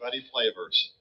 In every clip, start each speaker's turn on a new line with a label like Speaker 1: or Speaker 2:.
Speaker 1: Buddy Flavors.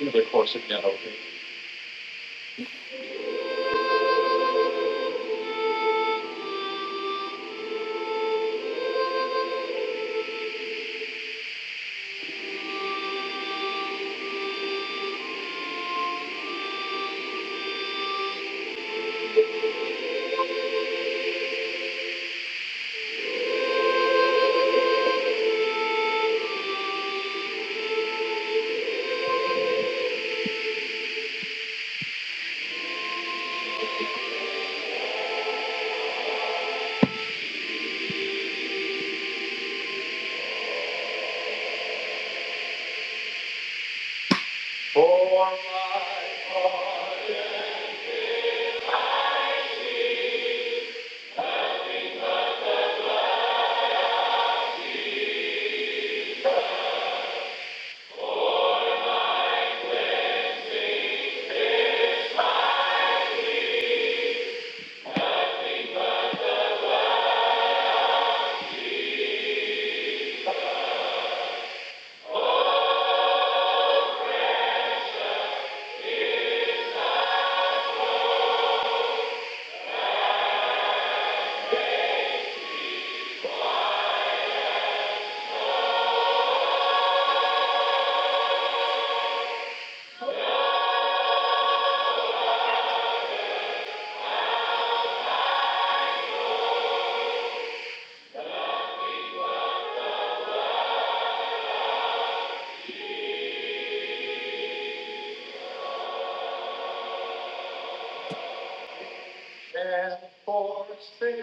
Speaker 1: Into course of yellow. For my heart and for sin.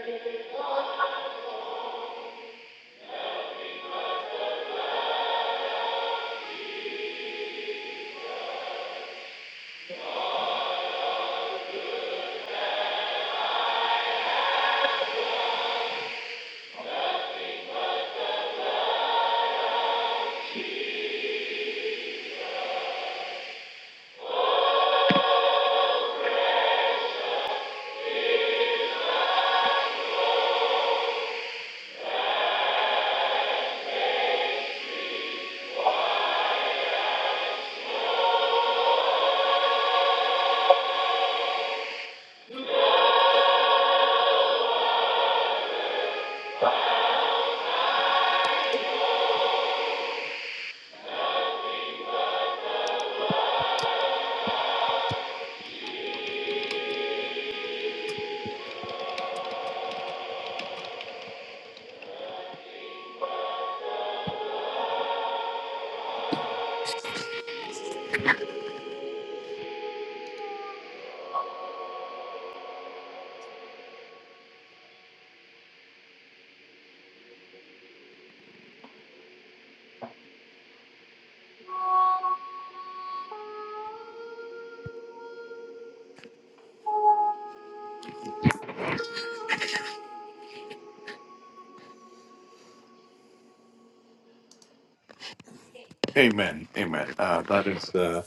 Speaker 1: Amen. Amen. Uh, that is the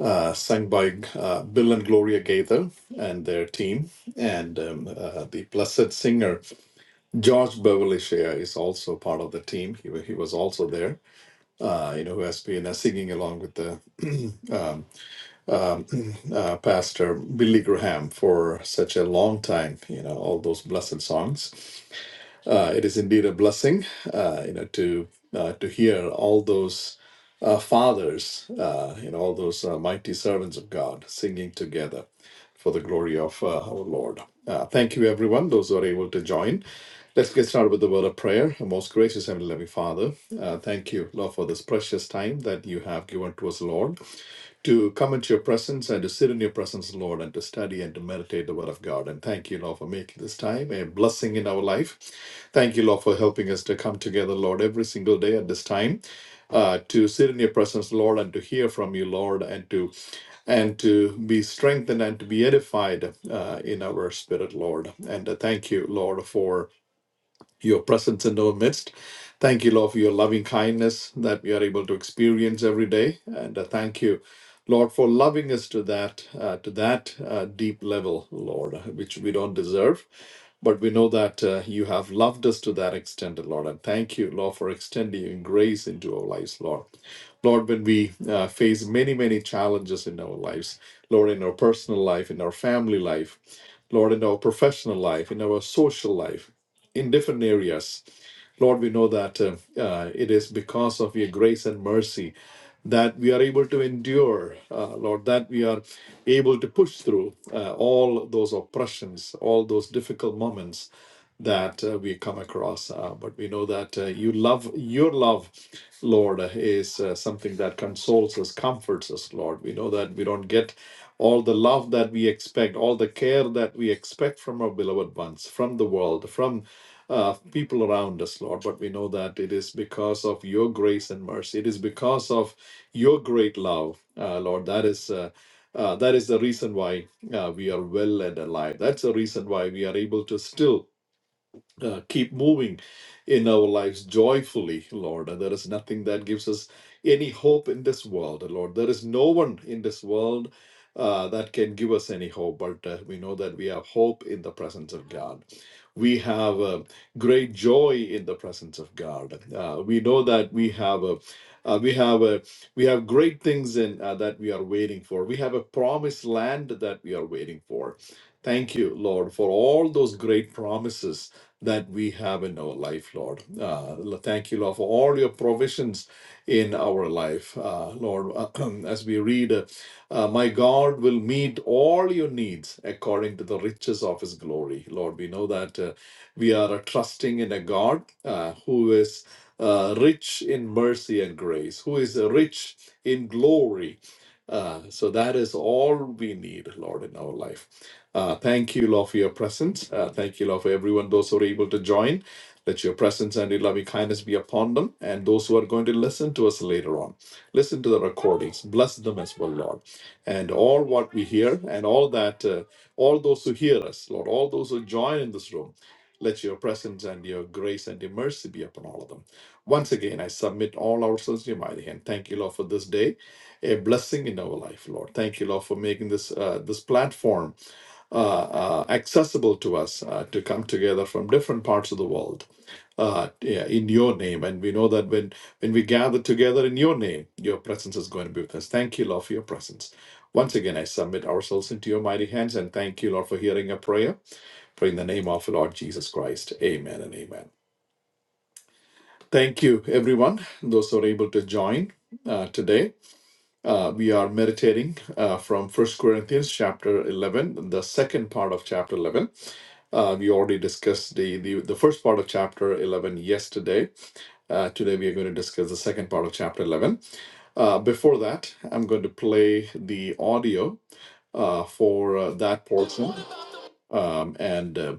Speaker 1: uh, sung by uh, Bill and Gloria Gaither and their team. And um, uh, the blessed singer George Beverly Shea is also part of the team. He, wa- he was also there, uh, you know, who has been uh, singing along with the um, um, uh, pastor Billy Graham for such a long time, you know, all those blessed songs. Uh, it is indeed a blessing, uh, you know, to uh, to hear all those uh, fathers, uh, you know, all those uh, mighty servants of God singing together for the glory of uh, our Lord. Uh, thank you, everyone, those who are able to join. Let's get started with the word of prayer. Most gracious and loving Father, uh, thank you, Lord, for this precious time that you have given to us, Lord to come into your presence and to sit in your presence, Lord, and to study and to meditate the Word of God. And thank you, Lord, for making this time a blessing in our life. Thank you, Lord, for helping us to come together, Lord, every single day at this time, uh, to sit in your presence, Lord, and to hear from you, Lord, and to and to be strengthened and to be edified uh, in our spirit, Lord. And uh, thank you, Lord, for your presence in our midst. Thank you, Lord, for your loving kindness that we are able to experience every day. And uh, thank you, Lord, for loving us to that uh, to that uh, deep level, Lord, uh, which we don't deserve. But we know that uh, you have loved us to that extent, Lord. And thank you, Lord, for extending your grace into our lives, Lord. Lord, when we uh, face many, many challenges in our lives, Lord, in our personal life, in our family life, Lord, in our professional life, in our social life, in different areas. Lord, we know that uh, uh, it is because of your grace and mercy that we are able to endure, uh, Lord, that we are able to push through uh, all those oppressions, all those difficult moments that uh, we come across. Uh, but we know that uh, you love, your love, Lord, uh, is uh, something that consoles us, comforts us, Lord. We know that we don't get all the love that we expect, all the care that we expect from our beloved ones, from the world, from uh, people around us, Lord, but we know that it is because of your grace and mercy. It is because of your great love, uh, Lord. That is. Uh, uh, that is the reason why uh, we are well and alive. That's the reason why we are able to still uh, keep moving in our lives joyfully, Lord. And there is nothing that gives us any hope in this world, Lord. There is no one in this world uh, that can give us any hope, but uh, we know that we have hope in the presence of God. We have uh, great joy in the presence of God. Uh, we know that we have a uh, we have a we have great things in uh, that we are waiting for. We have a promised land that we are waiting for. Thank you, Lord, for all those great promises that we have in our life, Lord. Uh, thank you, Lord, for all your provisions in our life, uh, Lord. as we read, uh, uh, my God will meet all your needs according to the riches of his glory. Lord, we know that uh, we are uh, trusting in a God uh, who is uh, rich in mercy and grace, who is uh, rich in glory. Uh, so that is all we need, Lord, in our life. Uh, thank you, Lord, for your presence. Uh, thank you, Lord, for everyone, those who are able to join. Let your presence and your loving kindness be upon them and those who are going to listen to us later on. Listen to the recordings. Bless them as well, Lord. And all what we hear and all that, uh, all those who hear us, Lord, all those who join in this room, let your presence and your grace and your mercy be upon all of them. Once again, I submit all ourselves to your mighty hand. Thank you, Lord, for this day, a blessing in our life, Lord. Thank you, Lord, for making this uh, this platform uh, uh, accessible to us uh, to come together from different parts of the world uh, yeah, in your name. And we know that when, when we gather together in your name, your presence is going to be with us. Thank you, Lord, for your presence. Once again, I submit ourselves into your mighty hands and thank you, Lord, for hearing a prayer. Pray in the name of Lord Jesus Christ. Amen and amen. Thank you, everyone, those who are able to join uh, today. Uh, we are meditating uh, from First Corinthians chapter 11, the second part of chapter 11. Uh, we already discussed the, the, the first part of chapter 11 yesterday. Uh, today we are going to discuss the second part of chapter 11. Uh, before that, I'm going to play the audio uh, for uh, that portion, um, and uh,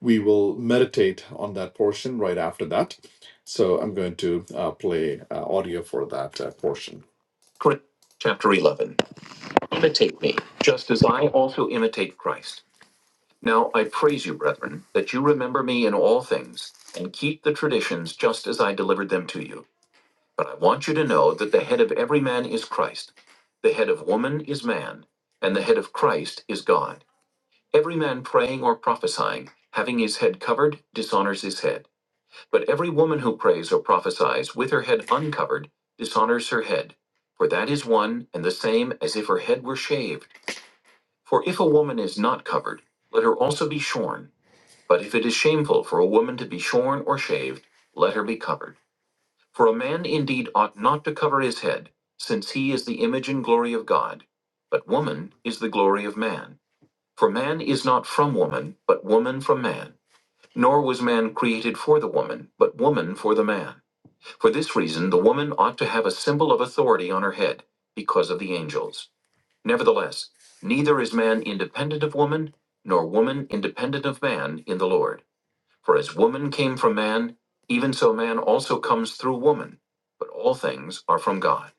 Speaker 1: we will meditate on that portion right after that. So I'm going to uh, play uh, audio for that uh, portion chapter 11. Just as I also imitate Christ. Now I praise you, brethren, that you remember me in all things and keep the traditions just as I delivered them to you. But I want you to know that the head of every man is Christ, the head of woman is man, and the head of Christ is God. Every man praying or prophesying, having his head covered, dishonors his head. But every woman who prays or prophesies with her head uncovered dishonors her head. For that is one and the same as if her head were shaved For if a woman is not covered, let her also be shorn. But if it is shameful for a woman to be shorn or shaved, let her be covered. For a man indeed ought not to cover his head, since he is the image and glory of God. But woman is the glory of man. For man is not from woman, but woman from man. Nor was man created for the woman, but woman for the man. For this reason, the woman ought to have a symbol of authority on her head, because of the angels. Nevertheless, neither is man independent of woman, nor woman independent of man in the Lord. For as woman came from man, even so man also comes through woman. But all things are from God.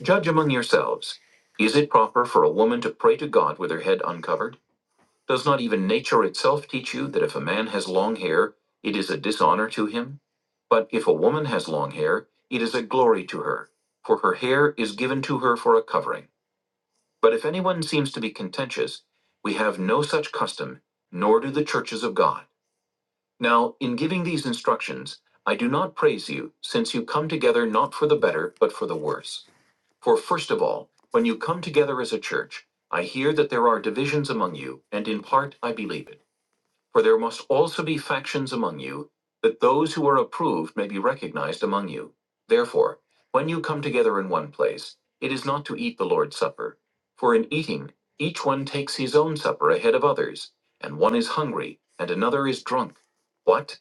Speaker 1: Judge among yourselves. Is it proper for a woman to pray to God with her head uncovered? Does not even nature itself teach you that if a man has long hair, it is a dishonor to him? But if a woman has long hair, it is a glory to her, for her hair is given to her for a covering. But if anyone seems to be contentious, we have no such custom, nor do the churches of God. Now, in giving these instructions, I do not praise you, since you come together not for the better, but for the worse. For first of all, when you come together as a church, I hear that there are divisions among you, and in part I believe it. For there must also be factions among you, that those who are approved may be recognized among you. Therefore, when you come together in one place, it is not to eat the Lord's Supper. For in eating, each one takes his own supper ahead of others, and one is hungry, and another is drunk. What?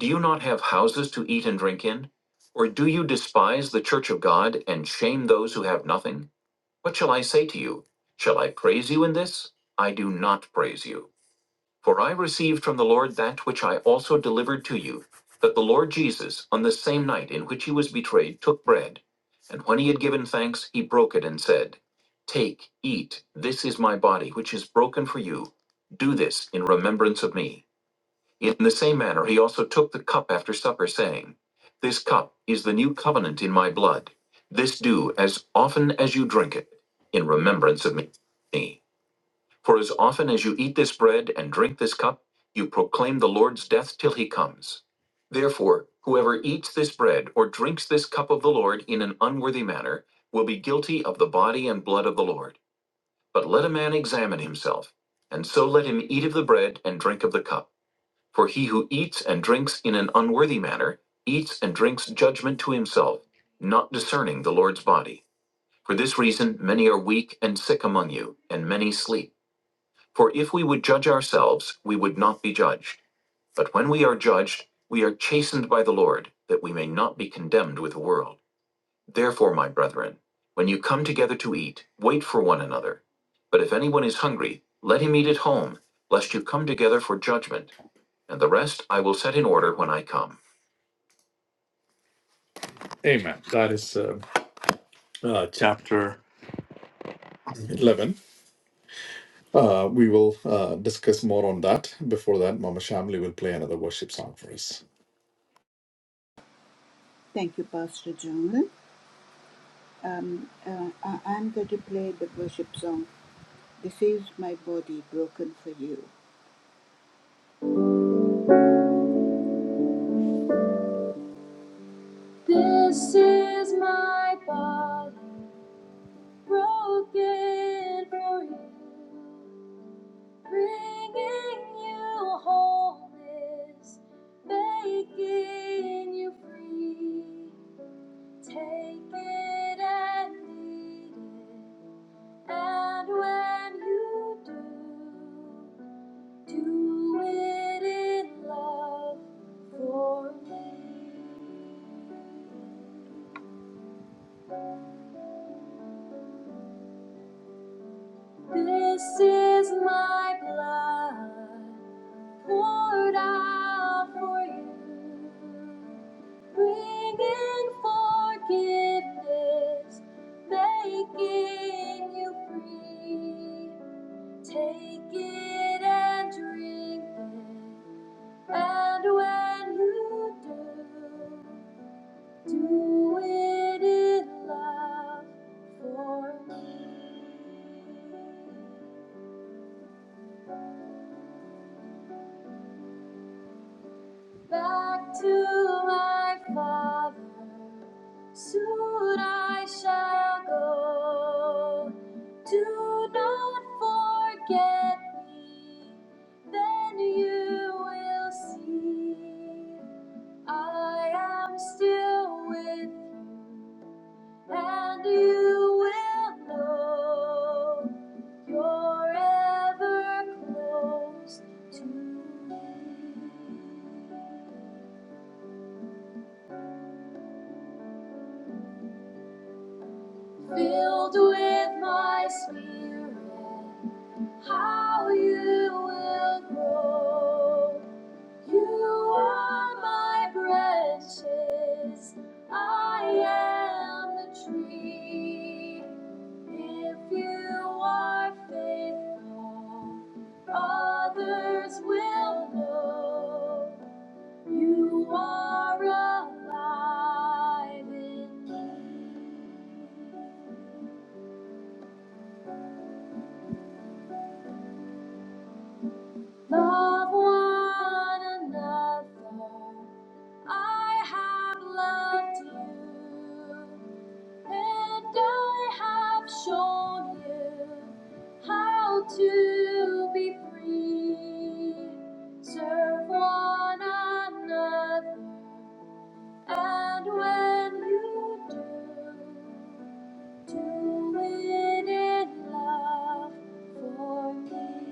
Speaker 1: Do you not have houses to eat and drink in? Or do you despise the church of God and shame those who have nothing? What shall I say to you? Shall I praise you in this? I do not praise you. For I received from the Lord that which I also delivered to you, that the Lord Jesus, on the same night in which he was betrayed, took bread, and when he had given thanks, he broke it and said, Take, eat, this is my body, which is broken for you. Do this in remembrance of me. In the same manner, he also took the cup after supper, saying, This cup is the new covenant in my blood. This do as often as you drink it in remembrance of me. For as often as you eat this bread and drink this cup, you proclaim the Lord's death till he comes. Therefore, whoever eats this bread or drinks this cup of the Lord in an unworthy manner will be guilty of the body and blood of the Lord. But let a man examine himself, and so let him eat of the bread and drink of the cup. For he who eats and drinks in an unworthy manner eats and drinks judgment to himself, not discerning the Lord's body. For this reason, many are weak and sick among you, and many sleep. For if we would judge ourselves, we would not be judged. But when we are judged, we are chastened by the Lord, that we may not be condemned with the world. Therefore, my brethren, when you come together to eat, wait for one another. But if anyone is hungry, let him eat at home, lest you come together for judgment, and the rest I will set in order when I come. Amen. That is uh, uh, chapter 11. Uh, we will uh, discuss more on that. Before that, Mama Shamli will play another worship song for us.
Speaker 2: Thank you, Pastor John. Um, uh, I- I'm going to play the worship song, This is My Body Broken for You. This is my body broken for you, bringing you wholeness, making you free. Take it and eat it. And when you do, do it in love for me. This is my blood poured out for you, bringing forgiveness, making you free. Take it and drink it, and when you do, do it in love for me. back to my father. Soon I shall go. Do not forget me, then you will see. I am still with, you, and you will know you're ever close to me. filled with my spirit. How you will grow. You are my branches. I am the tree. If you are faithful, others will know you are alive in me. Love one another. I have loved you, and I have shown you how to be free. Serve one another and when you do, do it in love for me.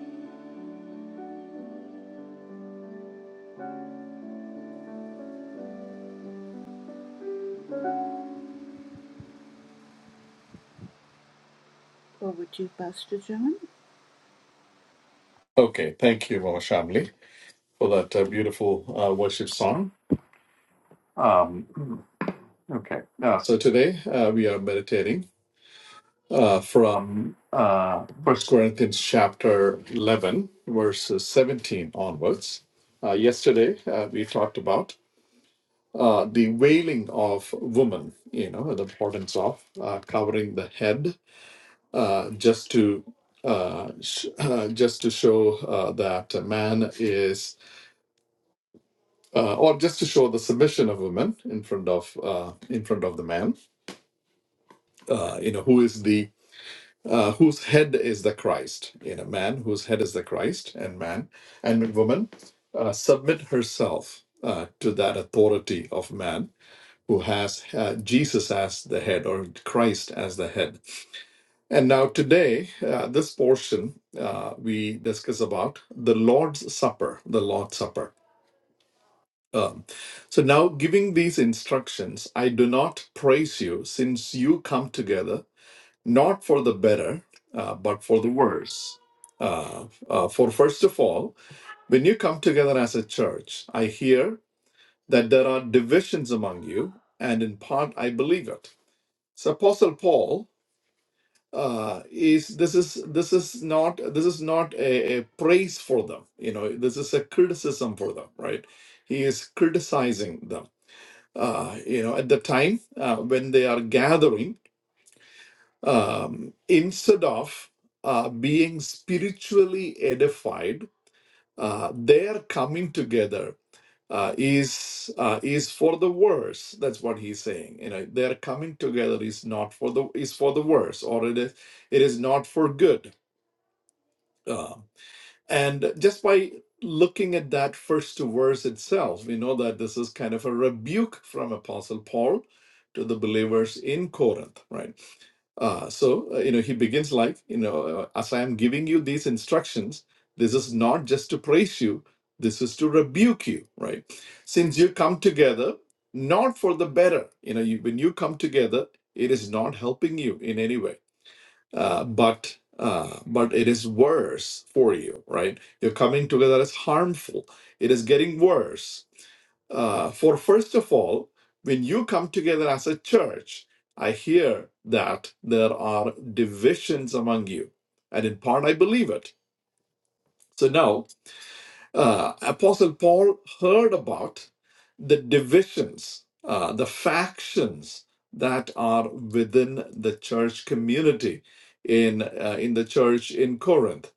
Speaker 2: Over to Pastor John.
Speaker 1: Okay, thank you, Mama Shamli, for that uh, beautiful uh, worship song. Um, okay, uh, so today uh, we are meditating uh, from uh, 1 Corinthians chapter 11, verses 17 onwards. Uh, yesterday uh, we talked about uh, the wailing of woman, you know, the importance of uh, covering the head uh, just to uh, sh- just to show uh, that a man is uh, or just to show the submission of women in front of uh, in front of the man. Uh, you know who is the uh, whose head is the Christ. You know, man whose head is the Christ, and man and woman uh, submit herself uh, to that authority of man who has uh, Jesus as the head or Christ as the head. And now today, uh, this portion uh, we discuss about the Lord's Supper. The Lord's Supper Um, so now, giving these instructions, I do not praise you, since you come together not for the better, uh, but for the worse. Uh, uh, for first of all, when you come together as a church, I hear that there are divisions among you, and in part I believe it. So Apostle Paul uh, is this is this is not this is not a, a praise for them. You know, this is a criticism for them, right? He is criticizing them uh, you know, at the time uh, when they are gathering, um, instead of uh, being spiritually edified, uh, their coming together uh, is uh, is for the worse. That's what he's saying. You know, their coming together is not for the is for the worse, or it is it is not for good. Um, And just by looking at that first verse itself, we know that this is kind of a rebuke from Apostle Paul to the believers in Corinth, right? Uh, so, uh, you know, he begins like, you know, uh, as I am giving you these instructions, this is not just to praise you, this is to rebuke you, right? Since you come together, not for the better, you know, you, when you come together, it is not helping you in any way uh, but uh, but it is worse for you, right? Your coming together is harmful. It is getting worse. Uh, for first of all, when you come together as a church, I hear that there are divisions among you, and in part I believe it. So now uh, Apostle Paul heard about the divisions, uh, the factions that are within the church community in uh, in the church in Corinth,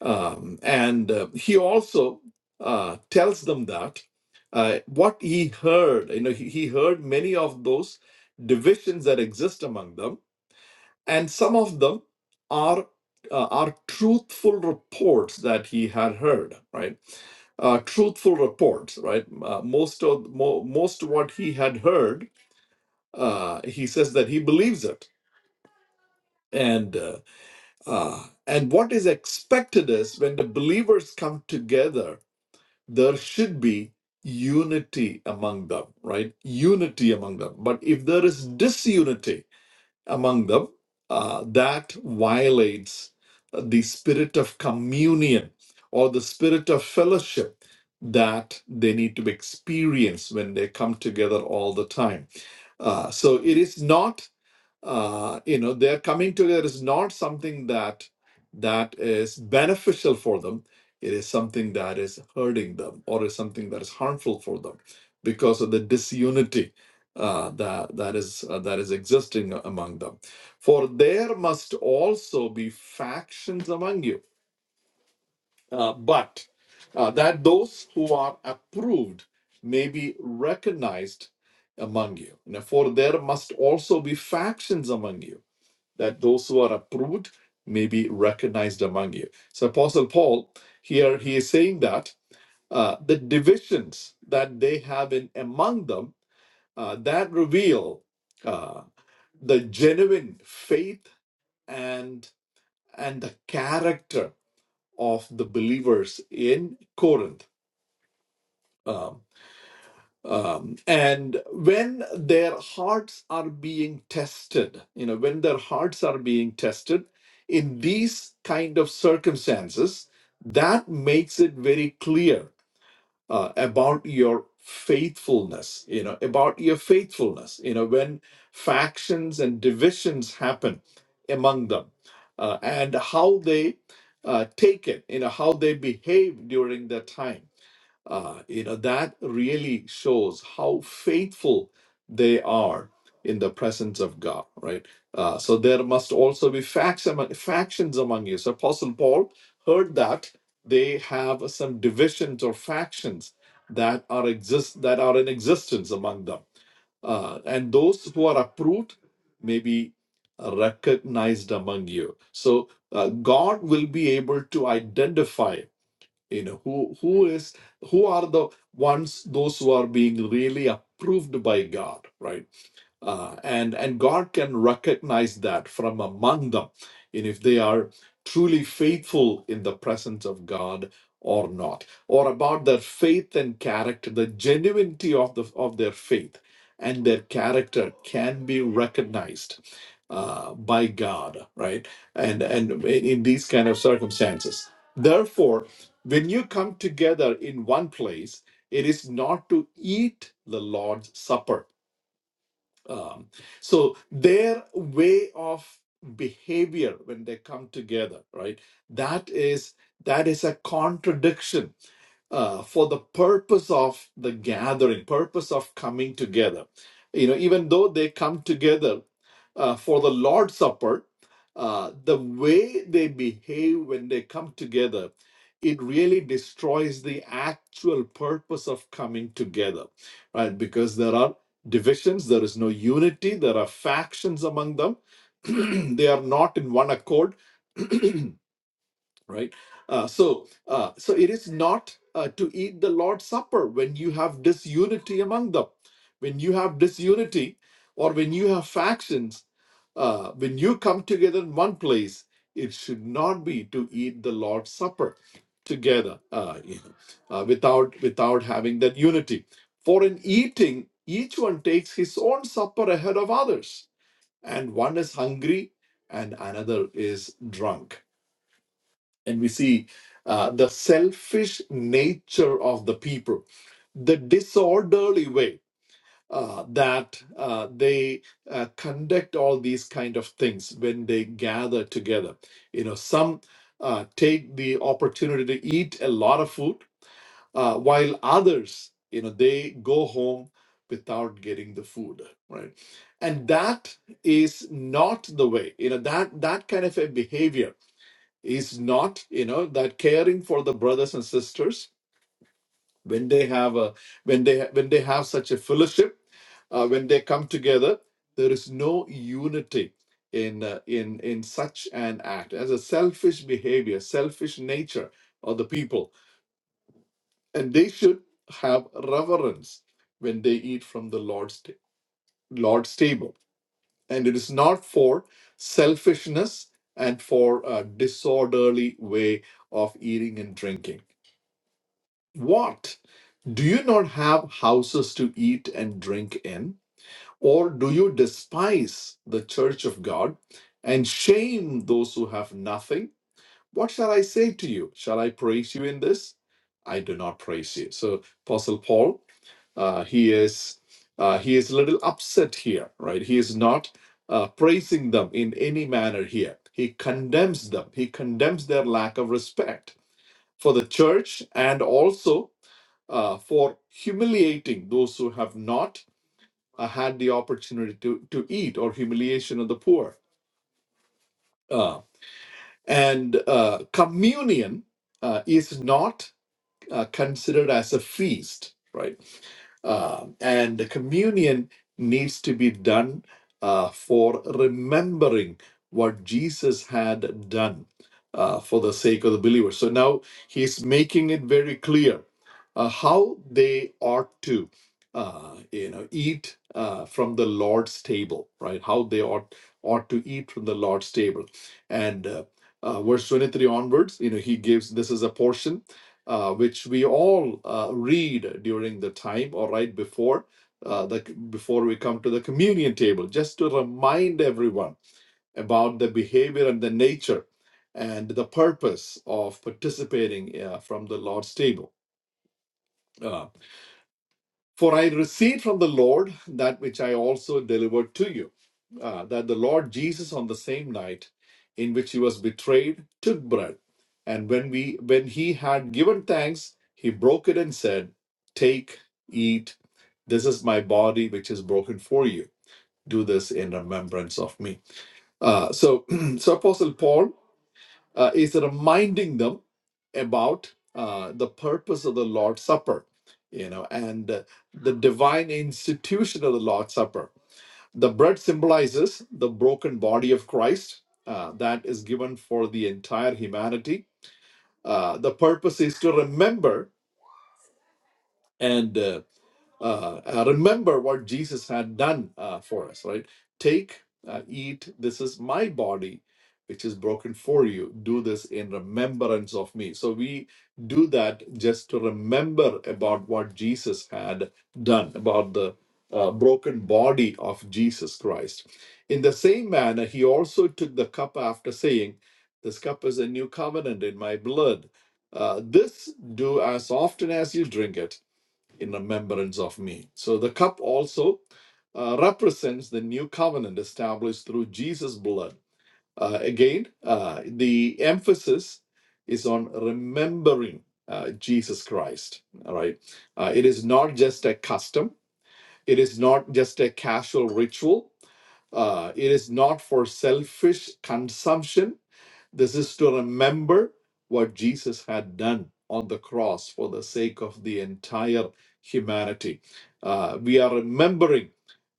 Speaker 1: um, and uh, he also uh, tells them that uh, what he heard, you know, he, he heard many of those divisions that exist among them and some of them are uh, are truthful reports that he had heard right uh, truthful reports right uh, most of mo- most what he had heard uh, he says that he believes it and uh, uh, and what is expected is when the believers come together there should be unity among them right unity among them but if there is disunity among them uh, that violates uh, the spirit of communion or the spirit of fellowship that they need to experience when they come together all the time. Uh, so it is not uh, you know their coming together is not something that that is beneficial for them it is something that is hurting them or is something that is harmful for them because of the disunity uh, that that is uh, that is existing among them for there must also be factions among you uh, but uh, that those who are approved may be recognized among you now for there must also be factions among you that those who are approved may be recognized among you. So, Apostle Paul here he is saying that uh, the divisions that they have in among them uh, that reveal uh, the genuine faith and and the character of the believers in Corinth. Um, um, and when their hearts are being tested you know when their hearts are being tested in these kind of circumstances that makes it very clear uh, about your faithfulness you know about your faithfulness you know when factions and divisions happen among them uh, and how they uh, take it you know how they behave during that time uh, you know, that really shows how faithful they are in the presence of God, right? Uh, so there must also be facts among, factions among you. So Apostle Paul heard that they have some divisions or factions that are exist that are in existence among them uh, and those who are approved may be recognized among you. So uh, God will be able to identify you know who who is who are the ones those who are being really approved by god right uh, and and god can recognize that from among them and if they are truly faithful in the presence of god or not or about their faith and character the genuinity of the of their faith and their character can be recognized uh, by god right and and in in these kind of circumstances therefore when you come together in one place, it is not to eat the Lord's Supper um, so their way of behavior when they come together, right? That is that is a contradiction uh, for the purpose of the gathering, purpose of coming together. You know, even though they come together uh, for the Lord's Supper, uh, the way they behave when they come together, it really destroys the actual purpose of coming together, right? Because there are divisions, there is no unity, there are factions among them, they are not in one accord, right? Uh, so, uh, so it is not uh, to eat the Lord's Supper when you have disunity among them. When you have disunity, or when you have factions, uh, when you come together in one place, it should not be to eat the Lord's Supper together uh, you know, uh, without without having that unity. For in eating, each one takes his own supper ahead of others, and one is hungry and another is drunk. And we see uh, the selfish nature of the people, the disorderly way uh, that uh, they uh, conduct all these kind of things when they gather together. You know, some uh, take the opportunity to eat a lot of food, uh, while others, you know, they go home without getting the food, right? And that is not the way. You know, that that kind of a behavior is not, you know, that caring for the brothers and sisters when they have a when they when they have such a fellowship uh, when they come together there is no unity in uh, in in such an act as a selfish behavior selfish nature of the people and they should have reverence when they eat from the lord's ta- lord's table and it is not for selfishness and for a disorderly way of eating and drinking what Do you not have houses to eat and drink in? Or do you despise the church of God and shame those who have nothing? What shall I say to you? Shall I praise you in this? I do not praise you. So, Apostle Paul, uh, he is uh, he is a little upset here, right? He is not uh, praising them in any manner here. He condemns them. He condemns their lack of respect for the church and also uh, for humiliating those who have not uh, had the opportunity to, to eat or humiliation of the poor. Uh, and uh, communion uh, is not uh, considered as a feast, right? Uh, and the communion needs to be done uh, for remembering what Jesus had done uh, for the sake of the believers. So now he's making it very clear uh, how they ought to, uh, you know, eat uh, from the Lord's table, right? How they ought ought to eat from the Lord's table, and uh, uh, verse twenty three onwards, you know, he gives this is a portion uh, which we all uh, read during the time or right before uh, the before we come to the communion table, just to remind everyone about the behavior and the nature and the purpose of participating uh, from the Lord's table. Uh, for I received from the Lord that which I also delivered to you, uh, that the Lord Jesus on the same night in which he was betrayed took bread, and when we when he had given thanks, he broke it and said, "Take, eat. This is my body, which is broken for you. Do this in remembrance of me." Uh, so, so Apostle Paul uh, is reminding them about uh, the purpose of the Lord's Supper, you know, and uh, the divine institution of the Lord's Supper. The bread symbolizes the broken body of Christ uh, that is given for the entire humanity. Uh, the purpose is to remember and uh, uh, uh, remember what Jesus had done uh, for us, right? Take, uh, eat, this is my body, which is broken for you. Do this in remembrance of me. So we do that just to remember about what Jesus had done, about the uh, broken body of Jesus Christ. In the same manner, he also took the cup after saying, This cup is a new covenant in my blood. Uh, this do as often as you drink it in remembrance of me. So the cup also uh, represents the new covenant established through Jesus' blood. Uh, again, uh, the emphasis is on remembering uh, Jesus Christ. All right. Uh, it is not just a custom, it is not just a casual ritual, uh, it is not for selfish consumption this is to remember what Jesus had done on the cross for the sake of the entire humanity. Uh, we are remembering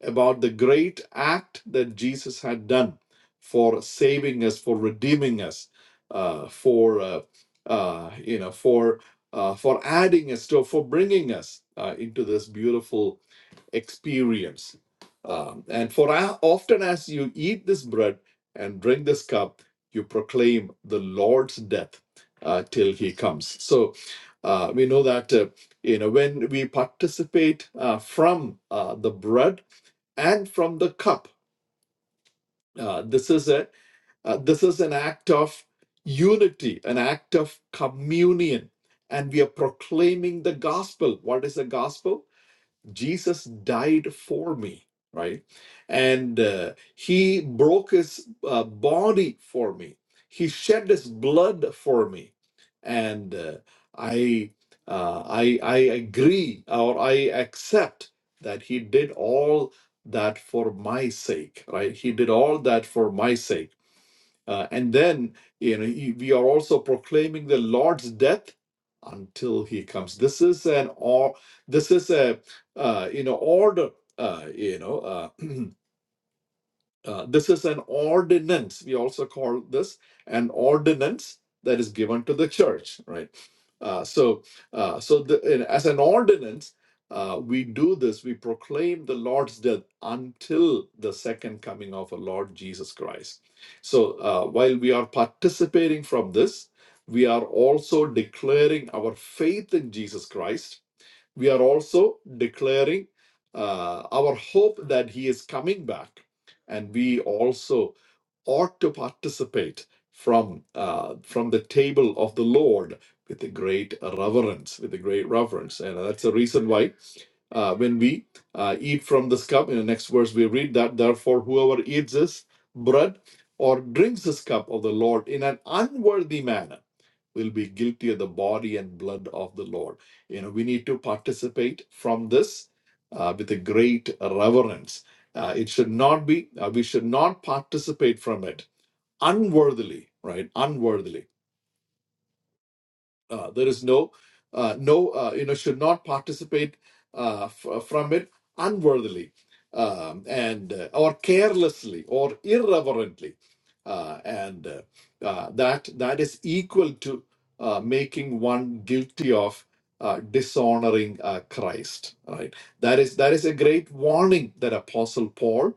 Speaker 1: about the great act that Jesus had done for saving us, for redeeming us, uh, for uh, uh, you know, for uh, for adding us to, for bringing us uh, into this beautiful experience. Um, and for a- often as you eat this bread and drink this cup, you proclaim the Lord's death uh, till he comes. So uh, we know that uh, you know when we participate uh, from uh, the bread and from the cup, uh, this is a uh, this is an act of unity, an act of communion, and we are proclaiming the gospel. What is the gospel? Jesus died for me, right? And uh, he broke his uh, body for me. He shed his blood for me. And uh, I, uh, I, I agree or I accept that he did all that for my sake, right? He did all that for my sake uh, and then, you know, he- we are also proclaiming the Lord's death until He comes. This is an or this is a uh, you know order. Uh, you know. Uh, Uh, this is an ordinance. We also call this an ordinance that is given to the church, right? Uh, so, uh, so the, and as an ordinance, uh, we do this. We proclaim the Lord's death until the second coming of our Lord Jesus Christ. So, uh, while we are participating from this, we are also declaring our faith in Jesus Christ we are also declaring uh, our hope that he is coming back and we also ought to participate from uh, from the table of the lord with a great reverence with a great reverence and that's the reason why uh, when we uh, eat from this cup in the next verse we read that therefore whoever eats this bread or drinks this cup of the lord in an unworthy manner will be guilty of the body and blood of the lord you know, we need to participate from this uh, with a great reverence. Uh, it should not be, uh, we should not participate from it unworthily, right? Unworthily uh, there is no, uh, no, uh, you know, should not participate uh, f- uh, from it unworthily um, and uh, or carelessly or irreverently, uh, and uh, uh, that that is equal to uh, making one guilty of uh, dishonoring uh, Christ. Right? That is that is a great warning that Apostle Paul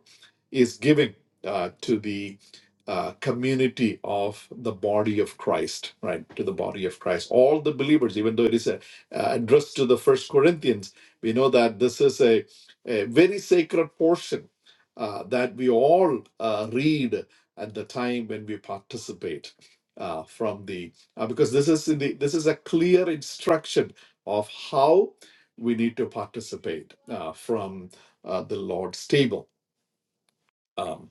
Speaker 1: is giving uh, to the uh, community of the body of Christ, right? To the body of Christ, all the believers, even though it is uh, uh, addressed to the First Corinthians, we know that this is a, a very sacred portion uh, that we all uh, read at the time when we participate uh, from the uh, because this is in the this is a clear instruction of how we need to participate uh, from uh, the Lord's table Um,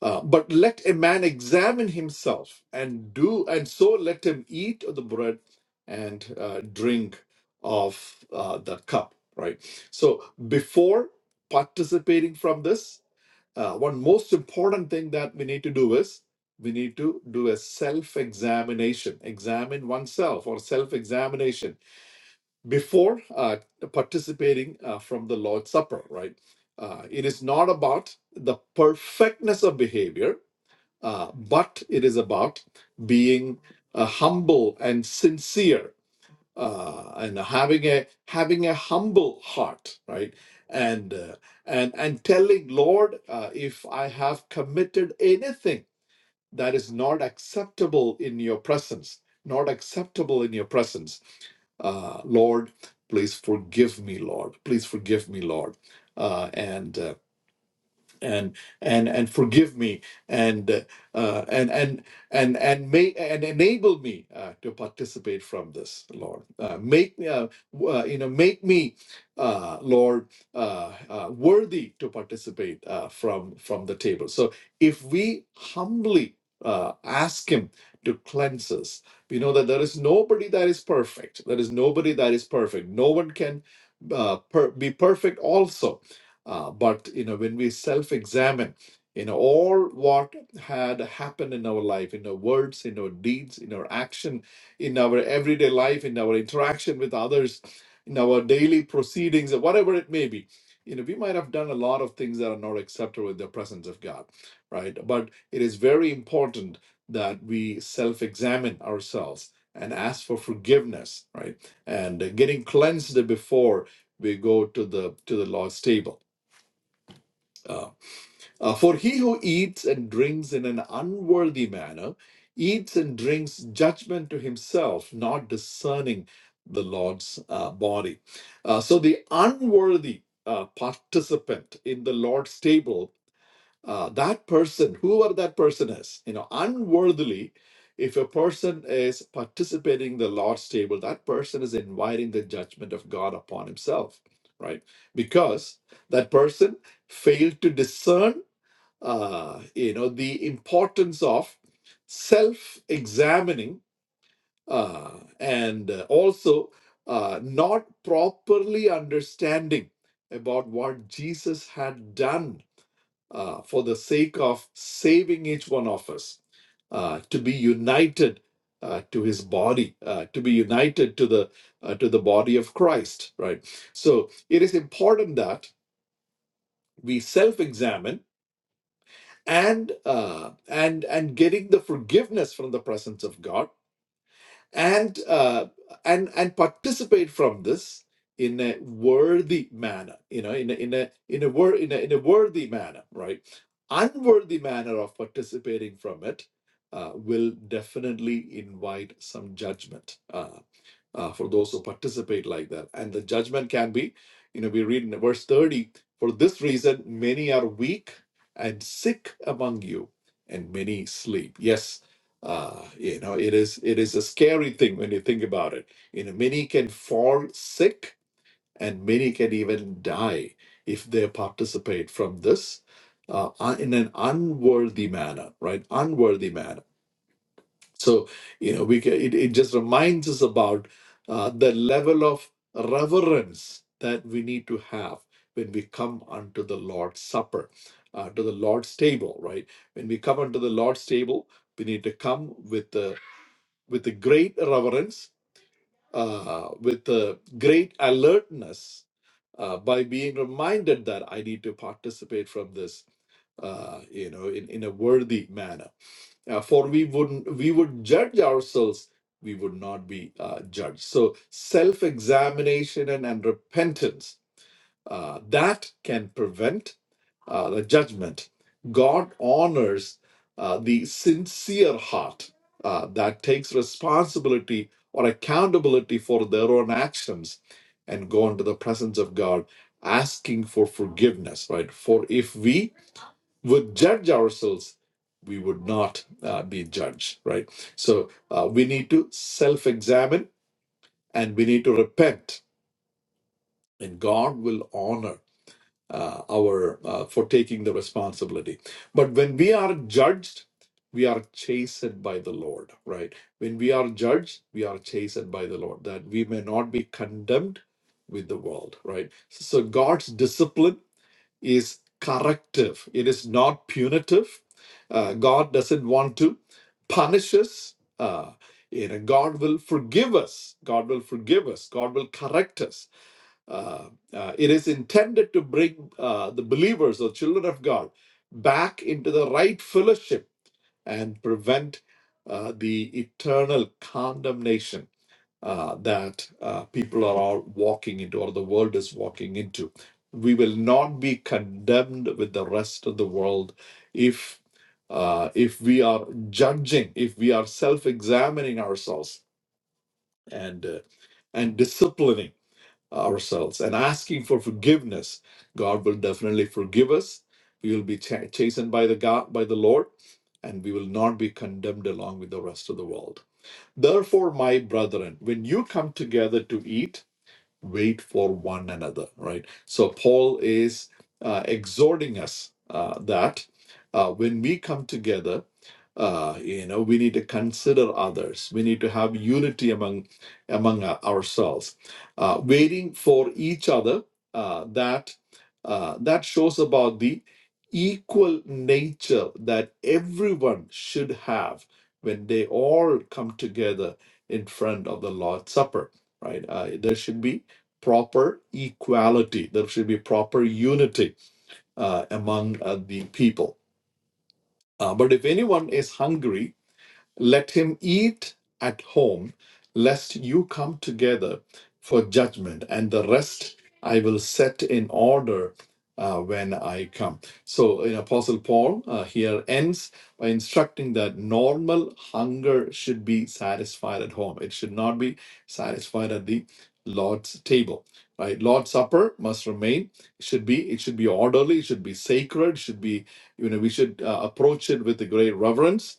Speaker 1: uh, but let a man examine himself and do and so let him eat of the bread and uh, drink of uh, the cup right so before participating from this uh, one most important thing that we need to do is we need to do a self examination examine oneself or self examination before uh, participating uh, from the lord's supper right uh, it is not about the perfectness of behavior uh, but it is about being uh, humble and sincere uh, and having a having a humble heart, right? And uh, and and telling Lord, uh, if I have committed anything that is not acceptable in Your presence, not acceptable in Your presence, uh, Lord, please forgive me, Lord. Please forgive me, Lord. Uh, and uh, and and and forgive me and uh, and and and and may and enable me uh, to participate from this lord uh, make uh, w- uh, you know make me uh, lord uh, uh, worthy to participate uh, from from the table so if we humbly uh, ask him to cleanse us we know that there is nobody that is perfect there is nobody that is perfect no one can uh, per- be perfect also uh, but you know, when we self-examine, you know, all what had happened in our life, in our words, in our deeds, in our action, in our everyday life, in our interaction with others, in our daily proceedings, or whatever it may be, you know, we might have done a lot of things that are not acceptable in the presence of God, right? But it is very important that we self-examine ourselves and ask for forgiveness, right? And uh, getting cleansed before we go to the to the Lord's table uh, uh, for he who eats and drinks in an unworthy manner eats and drinks judgment to himself, not discerning the Lord's uh, body. Uh, so the unworthy uh, participant in the Lord's table, uh, that person, whoever that person is, you know, unworthily, if a person is participating in the Lord's table, that person is inviting the judgment of God upon himself, right? Because that person failed to discern uh, you know the importance of self-examining uh, and uh, also uh, not properly understanding about what Jesus had done uh, for the sake of saving each one of us uh, to be united uh, to His body, uh, to be united to the uh, to the body of Christ. Right. So it is important that we self-examine and uh, and and getting the forgiveness from the presence of God and uh, and and participate from this in a worthy manner you know in a in a in a, wor- in a, in a worthy manner right unworthy manner of participating from it uh, will definitely invite some judgment Uh, uh, for those who participate like that. And the judgment can be, you know, we read in verse 30 for this reason, many are weak and sick among you, and many sleep. Yes. Uh, you know, it is it is a scary thing when you think about it. You know, many can fall sick and many can even die if they participate from this uh, un- in an unworthy manner, right? Unworthy manner so, you know, we can, it, it just reminds us about uh, the level of reverence that we need to have when we come unto the Lord's Supper, uh, to the Lord's table, right? When we come unto the Lord's table, we need to come with the with the great reverence, uh, with the great alertness, uh, by being reminded that I need to participate from this, uh, you know, in, in a worthy manner uh, for we would we would judge ourselves, we would not be uh, judged. So self-examination and, and repentance uh, that can prevent uh, the judgment. God honors uh, the sincere heart uh, that takes responsibility or accountability for their own actions and go into the presence of God asking for forgiveness, right? For if we would judge ourselves, we would not uh, be judged, right? So uh, we need to self examine and we need to repent, and God will honor uh, our uh, for taking the responsibility. But when we are judged, we are chastened by the Lord, right? When we are judged, we are chastened by the Lord, that we may not be condemned with the world, right? So God's discipline is corrective, it is not punitive. Uh, God doesn't want to punish us. Uh, you know, God will forgive us. God will forgive us. God will correct us. Uh, uh, it is intended to bring uh, the believers or children of God back into the right fellowship and prevent uh, the eternal condemnation uh, that uh, people are all walking into or the world is walking into. We will not be condemned with the rest of the world if uh, if we are judging, if we are self-examining ourselves and uh, and disciplining ourselves and asking for forgiveness, God will definitely forgive us. We will be cha- chastened by the God by the Lord, and we will not be condemned along with the rest of the world. Therefore, my brethren, when you come together to eat, wait for one another, right? So Paul is uh, exhorting us uh, that uh, when we come together, uh, you know, we need to consider others. We need to have unity among among our- ourselves, uh, waiting for each other. Uh, that uh, that shows about the equal nature that everyone should have when they all come together in front of the Lord's Supper. Right? Uh, there should be proper equality. There should be proper unity uh, among uh, the people. Uh, but if anyone is hungry, let him eat at home, lest you come together for judgment, and the rest I will set in order uh, when I come. So, in Apostle Paul uh, here ends by instructing that normal hunger should be satisfied at home, it should not be satisfied at the Lord's table. Right, Lord's supper must remain. It should be it should be orderly. It should be sacred. It should be you know we should uh, approach it with a great reverence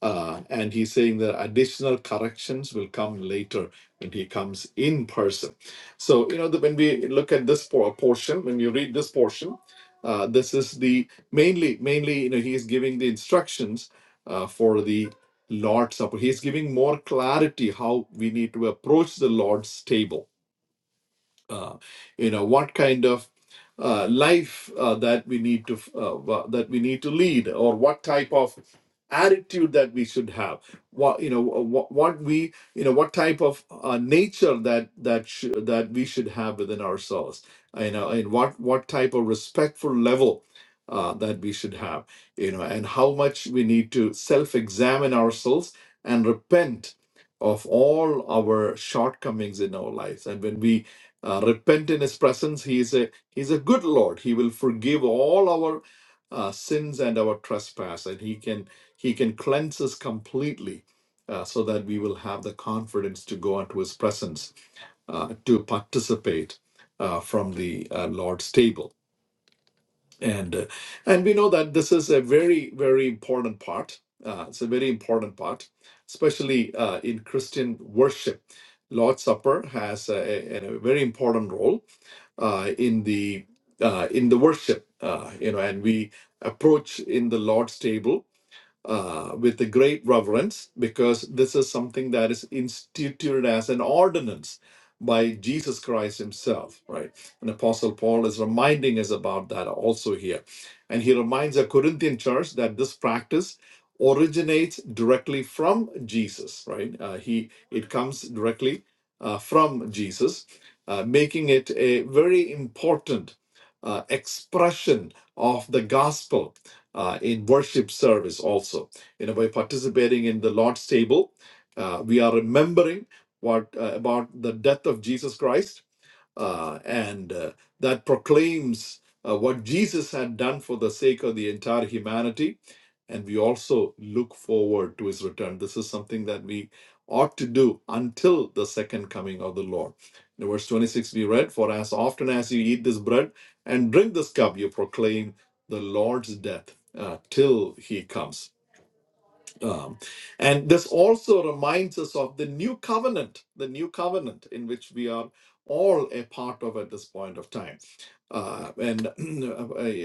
Speaker 1: uh, and he's saying that additional corrections will come later when he comes in person. So, you know, the, when we look at this por- portion, when you read this portion, uh, this is the mainly, mainly, you know, he is giving the instructions uh, for the Lord's Supper. He's giving more clarity how we need to approach the Lord's table uh, you know what kind of uh, life uh, that we need to uh, wha- that we need to lead or what type of attitude that we should have what you know what, what we you know what type of uh, nature that that sh- that we should have within ourselves you know and what what type of respectful level uh, that we should have you know and how much we need to self-examine ourselves and repent of all our shortcomings in our lives and when we uh, repent in his presence he is a he's a good lord he will forgive all our uh, sins and our trespass and he can he can cleanse us completely uh, so that we will have the confidence to go into his presence uh, to participate uh, from the uh, lord's table and uh, and we know that this is a very very important part uh, it's a very important part especially uh, in christian worship lord's supper has a, a, a very important role uh, in the uh, in the worship uh, you know and we approach in the lord's table uh, with a great reverence because this is something that is instituted as an ordinance by Jesus Christ himself, right? And Apostle Paul is reminding us about that also here. And he reminds the Corinthian church that this practice originates directly from Jesus, right? Uh, he it comes directly uh, from Jesus, uh, making it a very important uh, expression of the gospel uh, in worship service also. You know, by participating in the Lord's table, uh, we are remembering what uh, about the death of Jesus Christ uh, and uh, that proclaims uh, what Jesus had done for the sake of the entire humanity. And we also look forward to his return. This is something that we ought to do until the second coming of the Lord. In verse 26, we read, For as often as you eat this bread and drink this cup, you proclaim the Lord's death uh, till he comes. Um, and this also reminds us of the new covenant, the new covenant in which we are all a part of at this point of time. Uh, and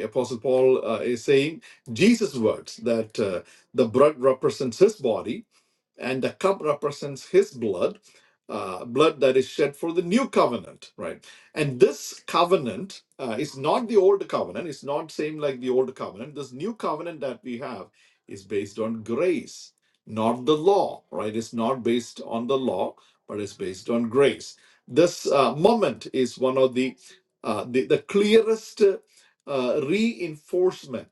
Speaker 1: Apostle Paul uh, is saying Jesus' words that uh, the bread represents his body and the cup represents his blood, uh, blood that is shed for the new covenant, right? And this covenant uh, is not the old covenant. It's not same like the old covenant. This new covenant that we have is based on grace, not the law, right? It's not based on the law, but it's based on grace. This uh, moment is one of the uh, the, the clearest uh, reinforcement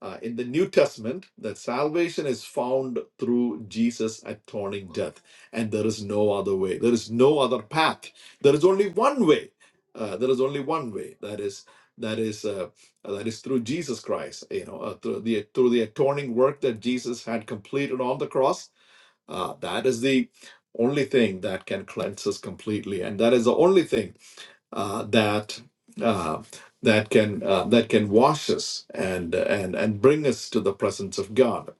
Speaker 1: uh, in the New Testament, that salvation is found through Jesus' atoning death, and there is no other way. There is no other path. There is only one way. Uh, there is only one way. That is that is uh, uh, that is through Jesus Christ. You know, uh, through the through the atoning work that Jesus had completed on the cross. Uh, that is the only thing that can cleanse us completely, and that is the only thing uh, that uh, that can uh, that can wash us and and and bring us to the presence of God.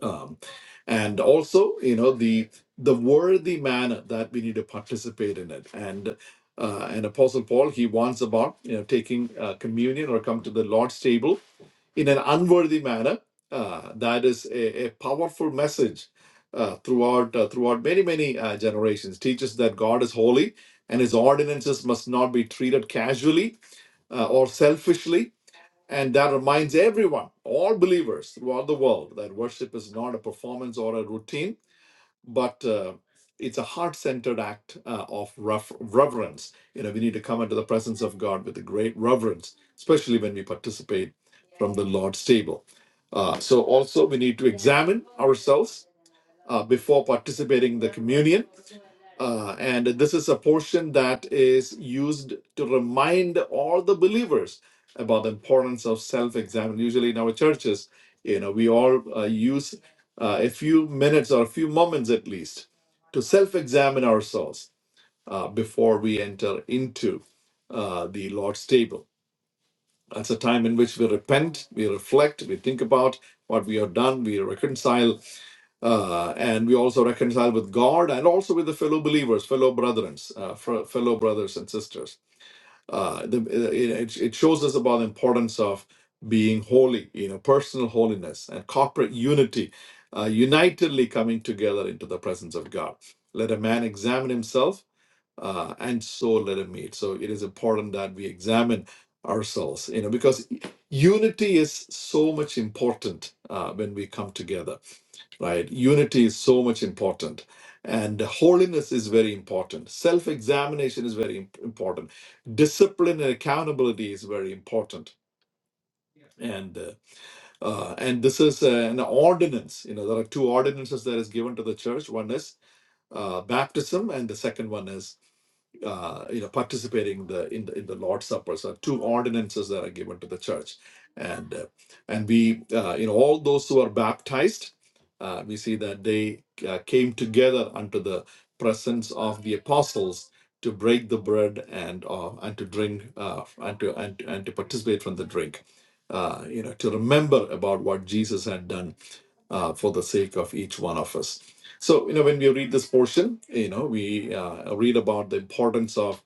Speaker 1: Um, and also, you know, the the worthy manner that we need to participate in it. And uh, and Apostle Paul he warns about you know taking uh, communion or come to the Lord's table in an unworthy manner. Uh, that is a, a powerful message uh, throughout uh, throughout many many uh, generations. Teaches that God is holy and His ordinances must not be treated casually uh, or selfishly. And that reminds everyone, all believers throughout the world, that worship is not a performance or a routine, but uh, it's a heart-centered act uh, of ref- reverence. You know, we need to come into the presence of God with a great reverence, especially when we participate from the Lord's table. Uh, so also we need to examine ourselves uh, before participating in the communion. Uh, and this is a portion that is used to remind all the believers about the importance of self-examine. Usually in our churches, you know, we all uh, use uh, a few minutes or a few moments at least to self-examine ourselves uh, before we enter into uh, the Lord's table. That's a time in which we repent, we reflect, we think about what we have done, we reconcile, uh, and we also reconcile with God and also with the fellow believers, fellow brethren, uh, fr- fellow brothers and sisters. Uh, the, uh, it, it shows us about the importance of being holy, you know, personal holiness and corporate unity, uh, unitedly coming together into the presence of God. Let a man examine himself, uh, and so let him meet. So it is important that we examine ourselves, you know, because unity is so much important uh, when we come together right? Unity is so much important, and holiness is very important. Self examination is very im- important. Discipline and accountability is very important. And uh, uh, and this is uh, an ordinance. You know, there are two ordinances that is given to the church. One is uh, baptism, and the second one is uh, you know, participating in the in the, in the Lord's Supper. So two ordinances that are given to the church, and uh, and we uh, you know all those who are baptized, uh, we see that they uh, came together unto the presence of the apostles to break the bread and uh, and to drink uh, and to and, to- and to participate from the drink. Uh, you know, to remember about what Jesus had done uh, for the sake of each one of us so, you know, when we read this portion, you know, we uh, read about the importance of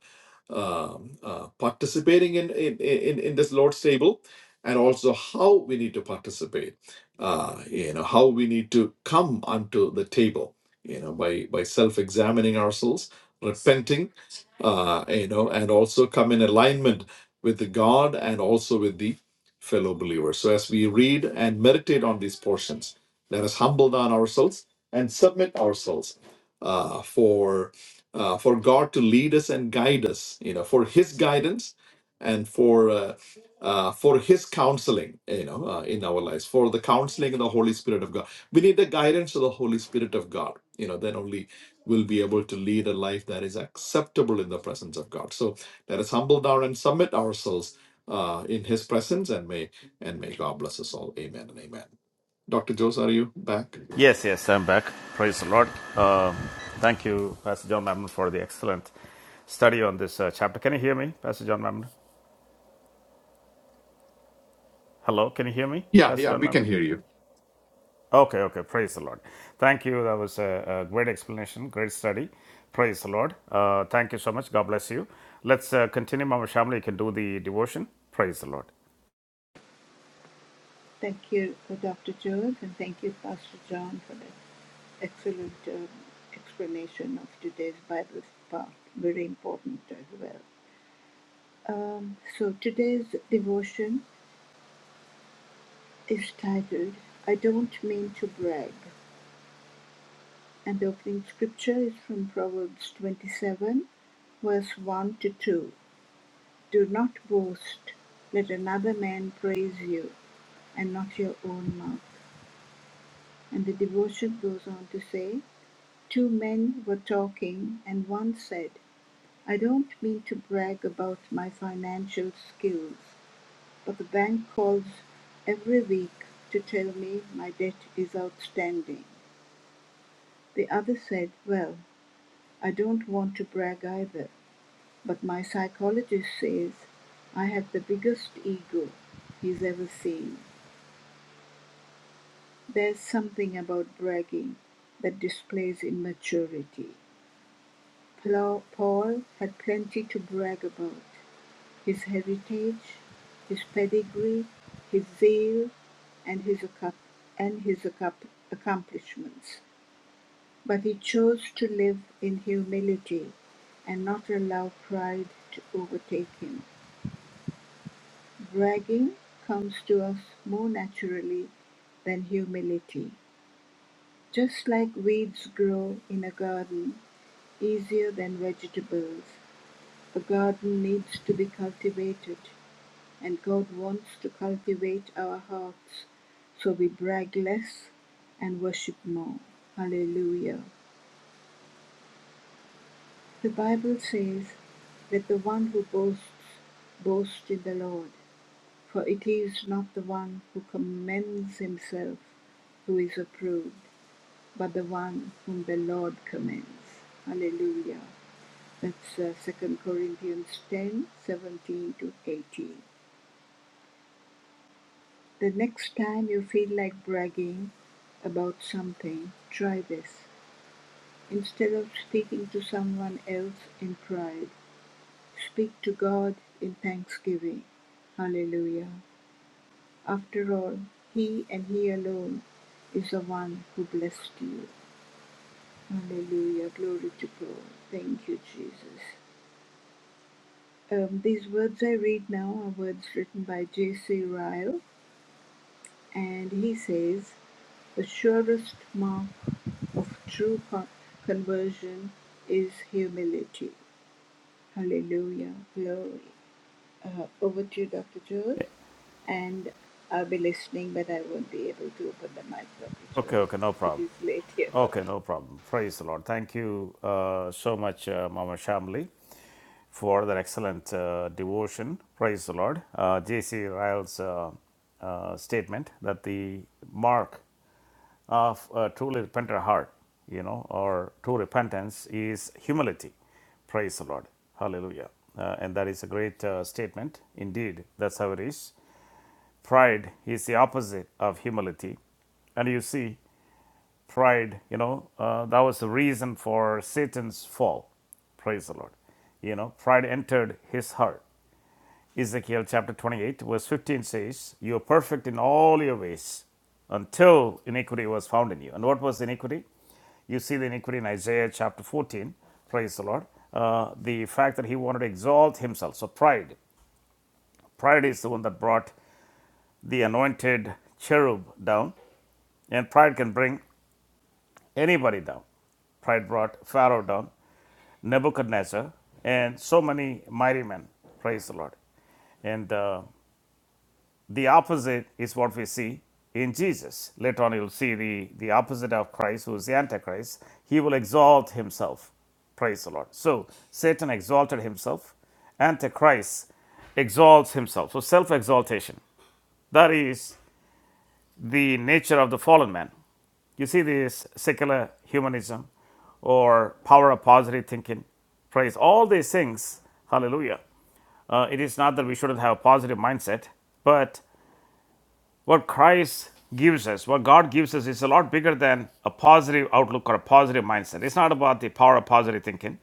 Speaker 1: um, uh, participating in, in in in this Lord's table, and also how we need to participate. Uh, you know, how we need to come unto the table. You know, by by self-examining ourselves, repenting. Uh, you know, and also come in alignment with the God and also with the fellow believers. So, as we read and meditate on these portions, let us humble down ourselves and submit ourselves uh, for uh, for God to lead us and guide us, you know, for His guidance and for uh, uh, for His counseling, you know, uh, in our lives, for the counseling of the Holy Spirit of God. We need the guidance of the Holy Spirit of God. You know, then only we'll be able to lead a life that is acceptable in the presence of God. So let us humble down and submit ourselves uh, in His presence, and may and may God bless us all. Amen and amen. Dr. Jose, are you back?
Speaker 3: Yes, yes, I'm back. Praise the Lord. Uh, thank you, Pastor John Mammon, for the excellent study on this uh, chapter. Can you hear me, Pastor John Mammon? Hello, can you hear me,
Speaker 1: Yeah,
Speaker 3: Pastor
Speaker 1: yeah,
Speaker 3: John
Speaker 1: we can
Speaker 3: Mammon?
Speaker 1: hear you.
Speaker 3: Okay, okay, praise the Lord. Thank you. That was a, a great explanation, great study. Praise the Lord. Uh, thank you so much. God bless you. Let's uh, continue, Mama Shamli. You can do the devotion. Praise the Lord.
Speaker 2: Thank you, uh, Dr. George, and thank you, Pastor John, for the excellent um, explanation of today's Bible part. Very important as well. Um, so today's devotion is titled "I Don't Mean to Brag." And the opening scripture is from Proverbs 27, verse 1 to 2. Do not boast, let another man praise you, and not your own mouth. And the devotion goes on to say, Two men were talking, and one said, I don't mean to brag about my financial skills, but the bank calls every week to tell me my debt is outstanding. The other said, Well, I don't want to brag either, But my psychologist says I have the biggest ego he's ever seen. There's something about bragging that displays immaturity. Paul had plenty to brag about his heritage, his pedigree, his zeal, and his, accom- and his accom- accomplishments. But he chose to live in humility and not allow pride to overtake him. Bragging comes to us more naturally than humility, just like weeds grow in a garden easier than vegetables. A garden needs to be cultivated, and God wants to cultivate our hearts so we brag less and worship more. Hallelujah. The Bible says that the one who boasts, boasts in the Lord. For it is not the one who commends himself who is approved, but the one whom the Lord commends. Hallelujah. That's uh, 2 Corinthians 10 17 to 18. The next time you feel like bragging about something, try this. Instead of speaking to someone else in pride, speak to God in thanksgiving. Hallelujah. After all, He and He alone is the one who blessed you. Hallelujah. Glory to God. Thank you, Jesus. Um, these words I read now are words written by J.C. Ryle, and he says, The surest mark of true con- conversion is humility. Hallelujah. Glory. Uh, over to you, Dr. Jules. And I'll be listening, but I won't be able to open the mic, Dr.
Speaker 3: Okay,
Speaker 2: Jules.
Speaker 3: okay, no
Speaker 2: It
Speaker 3: problem.
Speaker 2: is late here for
Speaker 3: Okay,
Speaker 2: me.
Speaker 3: no problem. Praise the Lord. Thank you uh, so much, uh, Mama Shamli, for that excellent uh, devotion. Praise the Lord. Uh, J.C. Ryle's uh, uh, statement that the mark of a truly repentant heart, you know, or true repentance is humility. Praise the Lord. Hallelujah. Uh, and that is a great uh, statement. Indeed, that's how it is. Pride is the opposite of humility. And you see, pride, you know, uh, that was the reason for Satan's fall. Praise the Lord. You know, pride entered his heart. Ezekiel chapter 28, verse 15 says, You are perfect in all your ways until iniquity was found in you. And what was iniquity? You see the iniquity in Isaiah chapter 14. Praise the Lord. Uh, the fact that he wanted to exalt himself. So, pride. Pride is the one that brought the anointed cherub down. And pride can bring anybody down. Pride brought Pharaoh down, Nebuchadnezzar, and so many mighty men. Praise the Lord. And uh, the opposite is what we see in Jesus. Later on, you'll see the, the opposite of Christ, who is the Antichrist. He will exalt himself. Praise the Lord. So Satan exalted himself. Antichrist exalts himself. So self exaltation. That is the nature of the fallen man. You see this secular humanism or power of positive thinking, praise, all these things, hallelujah. Uh, it is not that we shouldn't have a positive mindset, but what Christ gives us, what God gives us, is a lot bigger than a positive outlook or a positive mindset. It's not about the power of positive thinking,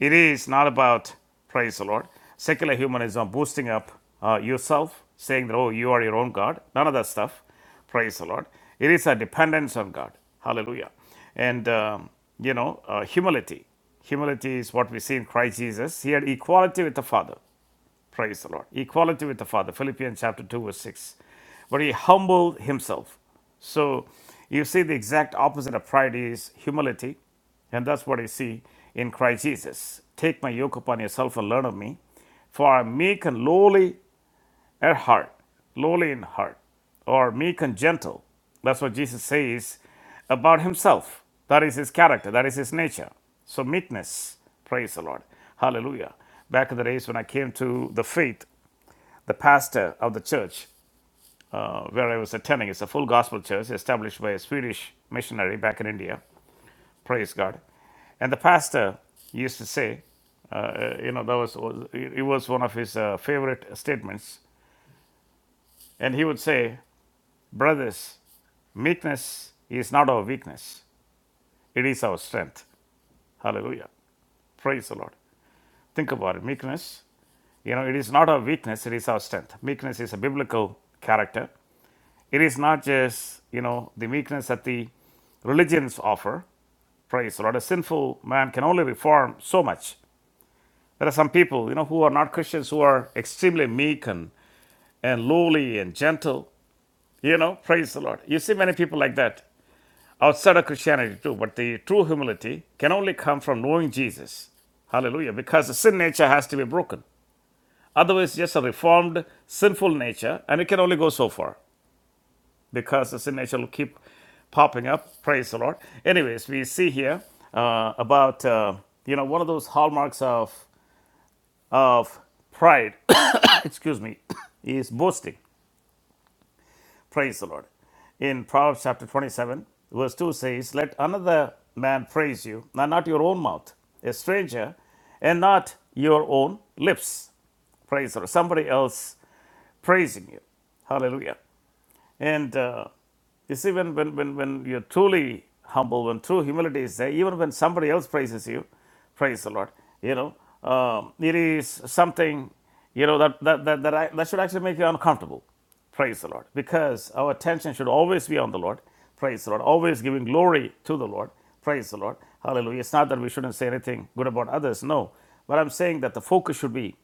Speaker 3: it is not about, praise the Lord, secular humanism boosting up uh, yourself, saying that, oh, you are your own God. None of that stuff. Praise the Lord. It is a dependence on God. Hallelujah. And, um, you know, uh, humility. Humility is what we see in Christ Jesus. He had equality with the Father. Praise the Lord. Equality with the Father. Philippians chapter 2, verse 6. But he humbled himself. So you see the exact opposite of pride is humility. And that's what I see in Christ Jesus. Take my yoke upon yourself and learn of me. For I am meek and lowly at heart, lowly in heart, or meek and gentle. That's what Jesus says about himself. That is his character, that is his nature. So, meekness, praise the Lord. Hallelujah. Back in the days when I came to the faith, the pastor of the church uh, where I was attending. It's a full gospel church established by a Swedish missionary back in India. Praise God. And the pastor used to say, uh, you know, that was, was it was one of his uh, favorite statements. And he would say, brothers, meekness is not our weakness, it is our strength. Hallelujah. Praise the Lord. Think about it. Meekness, you know, it is not our weakness, it is our strength. Meekness is a biblical character. It is not just, you know, the meekness that the religions offer. Praise the Lord. A sinful man can only reform so much. There are some people, you know, who are not Christians who are extremely meek and, and lowly and gentle. You know, praise the Lord. You see many people like that outside of Christianity too, but the true humility can only come from knowing Jesus. Hallelujah. Because the sin nature has to be broken. Otherwise, just a reformed sinful nature, and it can only go so far. because the signature will keep popping up. Praise the Lord. Anyways, we see here uh, about uh, you know one of those hallmarks of of pride. excuse me, is boasting. Praise the Lord. In Proverbs chapter twenty-seven, verse two says, "Let another man praise you, and not your own mouth, a stranger, and not your own lips." Praise the Lord. Somebody else praising you. Hallelujah. And uh, you see, when, when, when, when you're truly humble, when true humility is there, even when somebody else praises you, praise the Lord, you know, um, it is something, you know, that, that, that, that, I, that should actually make you uncomfortable. Praise the Lord. Because our attention should always be on the Lord. Praise the Lord. Always giving glory to the Lord. Praise the Lord. Hallelujah. It's not that we shouldn't say anything good about others. No. But I'm saying that the focus should be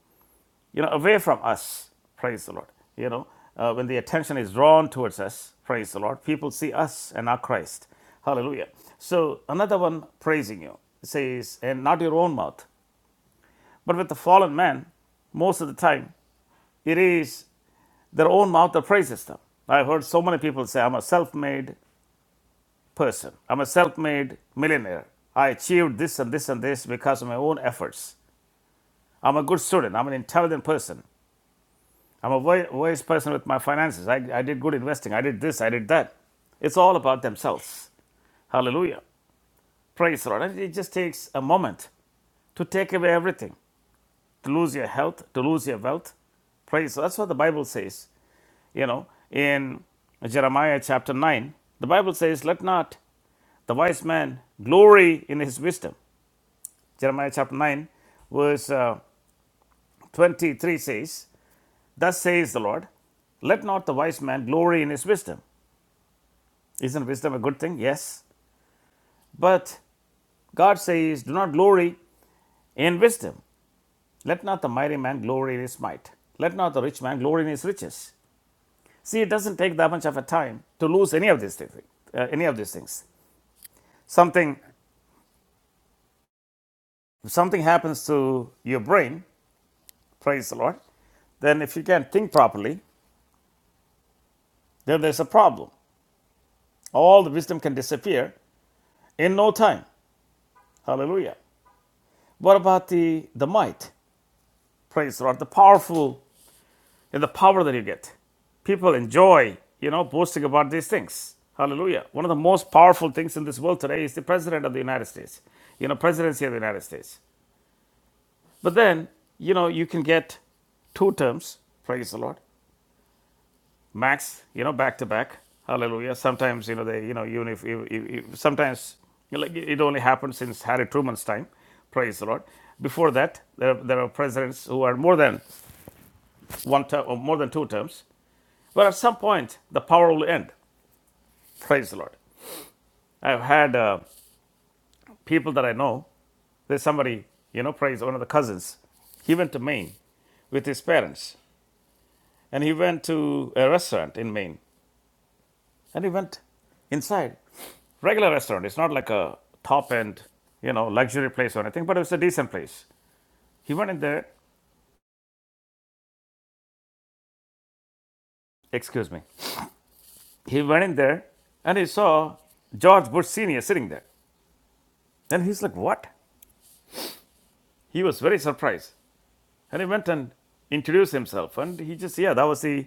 Speaker 3: you know, away from us. Praise the Lord. You know, uh, when the attention is drawn towards us, praise the Lord, people see us and not Christ. Hallelujah. So another one praising you says, and not your own mouth. But with the fallen man, most of the time, it is their own mouth that praises them. I've heard so many people say, I'm a self made person, I'm a self made millionaire. I achieved this and this and this because of my own efforts. I'm a good student, I'm an intelligent person. I'm a wise, person with my finances. I, I did good investing. I did this. I did that. It's all about themselves. Hallelujah. Praise the Lord. And it just takes a moment to take away everything, to lose your health, to lose your wealth. Praise. That's what the Bible says. You know, in Jeremiah chapter 9, the Bible says, Let not the wise man glory in his wisdom. Jeremiah chapter 9, verse uh, 23 says, Thus says the Lord, let not the wise man glory in his wisdom. Isn't wisdom a good thing? Yes. But God says, do not glory in wisdom. Let not the mighty man glory in his might. Let not the rich man glory in his riches. See, it doesn't take that much of a time to lose any of these things. uh, any of these things. Something, if something happens to your brain, praise the Lord, then if you can't think properly, then there's a problem. All the wisdom can disappear in no time. Hallelujah. What about the, the might? Praise the Lord, the powerful and the power that you get. People enjoy, you know, boasting about these things. Hallelujah. One of the most powerful things in this world today is the president of the United States, you know, presidency of the United States. But then, you know, you can get two terms, praise the Lord, max, you know, back to back. Hallelujah. Sometimes, you know, they, you know, even if, if, if sometimes like it only happened since Harry Truman's time, praise the Lord. Before that, there, there are presidents who are more than one term or more than two terms. But at some point, the power will end. Praise the Lord. I've had uh, people that I know. There's somebody, you know, praise one of the cousins. He went to Maine with his parents, and he went to a restaurant in Maine, and he went inside regular restaurant. It's not like a top end, you know, luxury place or anything, but it was a decent place. He went in there, excuse me. He went in there and he saw George Bush Sr. sitting there. And he's like, What? he was very surprised. And he went and introduced himself. And he just, yeah, that was the,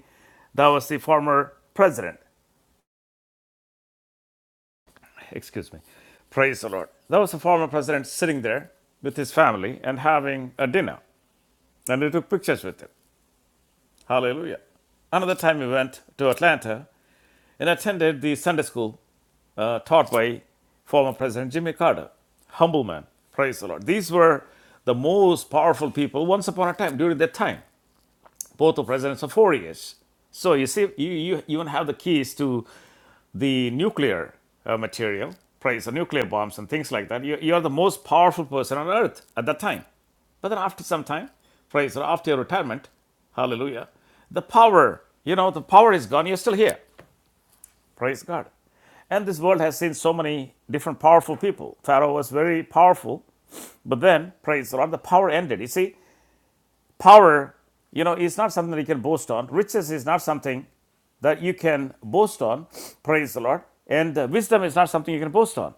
Speaker 3: that was the former president. Excuse me. Praise the Lord. That was the former president sitting there with his family and having a dinner. And he took pictures with him. Hallelujah. Another time we went to Atlanta and attended the Sunday school uh, taught by former President Jimmy Carter. Humble man. Praise the Lord. These were the most powerful people once upon a time during that time. both of presidents are four years. So you see, you, you even have the keys to the nuclear uh, material, price, the nuclear bombs and things like that. You, you are the most powerful person on earth at that time. But then after some time, praise, or after your retirement, hallelujah, the power, you know, the power is gone. You're still here. Praise God. And this world has seen so many different powerful people. Pharaoh was very powerful, but then, praise the Lord, the power ended. You see, power, you know, is not something that you can boast on. Riches is not something that you can boast on. Praise the Lord. And uh, wisdom is not something you can boast on.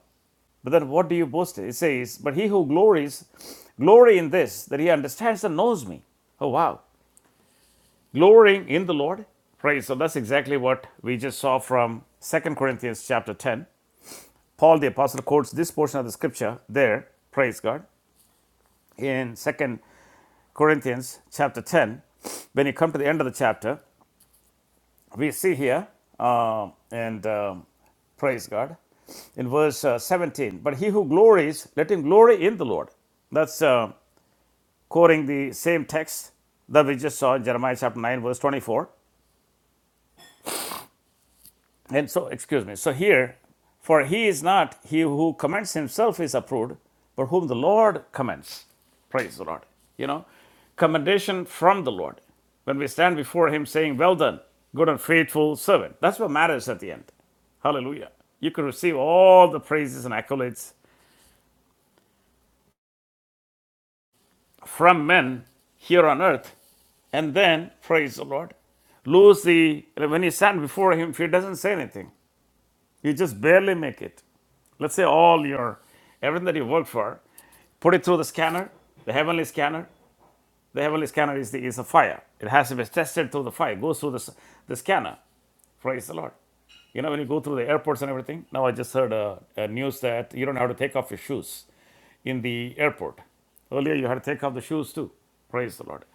Speaker 3: But then what do you boast It says, But he who glories, glory in this, that he understands and knows me. Oh, wow. Glorying in the Lord. Praise. So that's exactly what we just saw from Second Corinthians chapter 10. Paul the Apostle quotes this portion of the scripture there. Praise God. In Second Corinthians chapter 10, when you come to the end of the chapter, we see here, uh, and um, praise God, in verse uh, 17, but he who glories, let him glory in the Lord. That's uh, quoting the same text that we just saw in Jeremiah chapter 9, verse 24. And so, excuse me. So here, for he is not he who commends himself is approved, but whom the Lord commends. Praise the Lord. You know, commendation from the Lord. When we stand before him saying, Well done, good and faithful servant. That's what matters at the end. Hallelujah. You can receive all the praises and accolades from men here on earth, and then praise the Lord. Lose the when you stand before him, if he doesn't say anything. You just barely make it. Let's say all your everything that you worked for, put it through the scanner, the heavenly scanner. The heavenly scanner is the, is a fire. It has to be tested through the fire. It Goes through the the scanner. Praise the Lord. You know when you go through the airports and everything. Now I just heard a, a news that you don't have to take off your shoes in the airport. Earlier you had to take off the shoes too. Praise the Lord.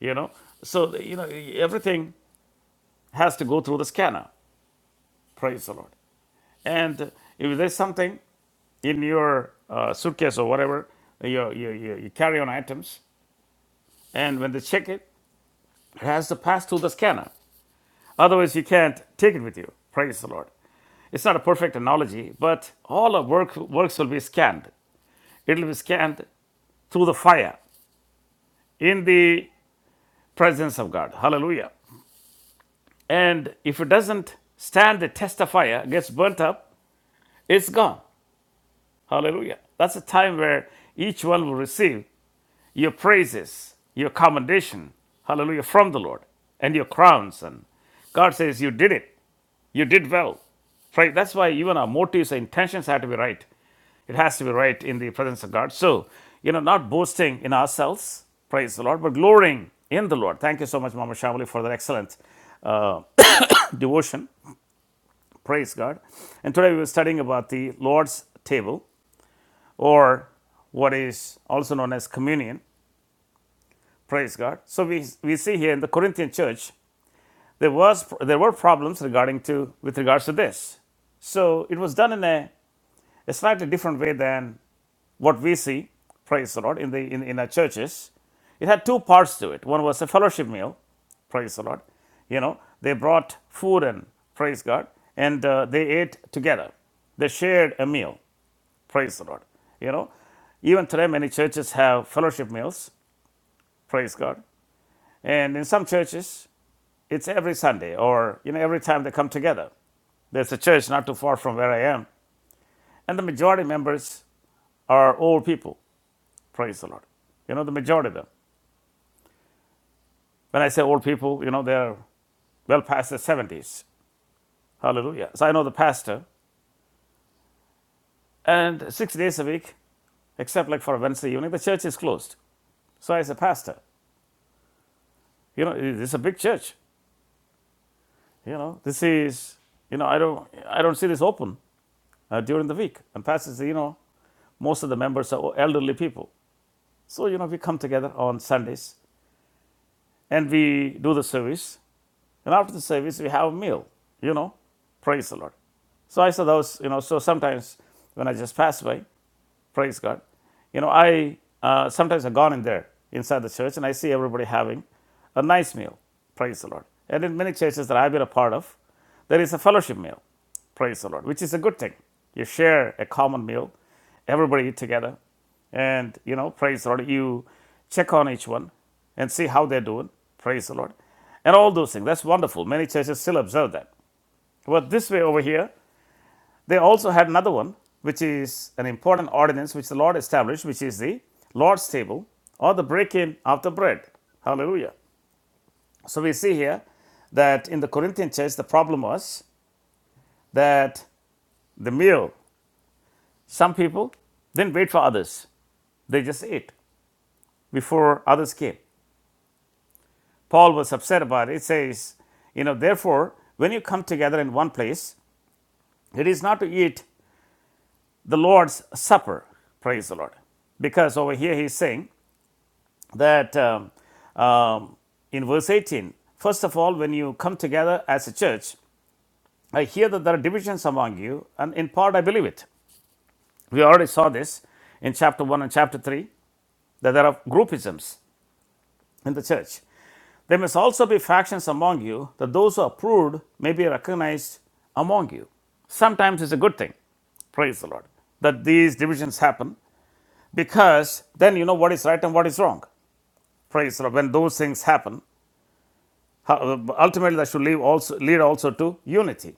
Speaker 3: You know, so you know everything has to go through the scanner. Praise the Lord. And if there's something in your uh, suitcase or whatever, your, your, your, your carry on items, and when they check it, it has to pass through the scanner. Otherwise, you can't take it with you. Praise the Lord. It's not a perfect analogy, but all our work, works will be scanned. It'll be scanned through the fire in the presence of God. Hallelujah. And if it doesn't stand the test of fire, gets burnt up, it's gone. Hallelujah. That's a time where each one will receive your praises, your commendation, hallelujah, from the Lord, and your crowns. And God says, You did it. You did well. Right? That's why even our motives and intentions have to be right. It has to be right in the presence of God. So, you know, not boasting in ourselves, praise the Lord, but glorying in the Lord. Thank you so much, Mama Shamali, for that excellent uh, devotion. Praise God. And today we were studying about the Lord's table or what is also known as communion. Praise God. So we, we see here in the Corinthian church, there, was, there were problems regarding to, with regards to this. So it was done in a a slightly different way than what we see, praise the Lord, in, the, in, in our churches. It had two parts to it. One was a fellowship meal, praise the Lord. You know, they brought food and praise God, and uh, they ate together. They shared a meal, praise the Lord. You know, even today many churches have fellowship meals, praise God. And in some churches, it's every Sunday or, you know, every time they come together. There's a church not too far from where I am. And the majority members are old people. Praise the Lord. You know, the majority of them. When I say old people, you know, they're well past their 70s. Hallelujah. So I know the pastor. And six days a week, except like for Wednesday evening, the church is closed. So I said, Pastor, you know, this is a big church. You know, this is, you know, I don't, I don't see this open uh, during the week. And Pastor said, you know, most of the members are elderly people. So, you know, we come together on Sundays and we do the service. And after the service, we have a meal, you know, praise the Lord. So I saw those, you know, so sometimes when I just pass by, praise God, you know, I uh, sometimes have gone in there inside the church and I see everybody having a nice meal, praise the Lord. And in many churches that I've been a part of, there is a fellowship meal, praise the Lord, which is a good thing. You share a common meal, everybody eat together, and you know praise the lord you check on each one and see how they're doing praise the lord and all those things that's wonderful many churches still observe that but this way over here they also had another one which is an important ordinance which the lord established which is the lord's table or the breaking of the bread hallelujah so we see here that in the corinthian church the problem was that the meal some people didn't wait for others they just ate before others came Paul was upset about it. It says, you know, therefore, when you come together in one place, it is not to eat the Lord's supper. Praise the Lord. Because over here he's saying that um, um, in verse 18, first of all, when you come together as a church, I hear that there are divisions among you, and in part I believe it. We already saw this in chapter 1 and chapter 3 that there are groupisms. in the church. There must also be factions among you, that those who are approved may be recognized among you. Sometimes it's a good thing, praise the Lord, that these divisions happen because then you know what is right and what is wrong. Praise the Lord. When those things happen, how- ultimately that should lead also, lead also to unity.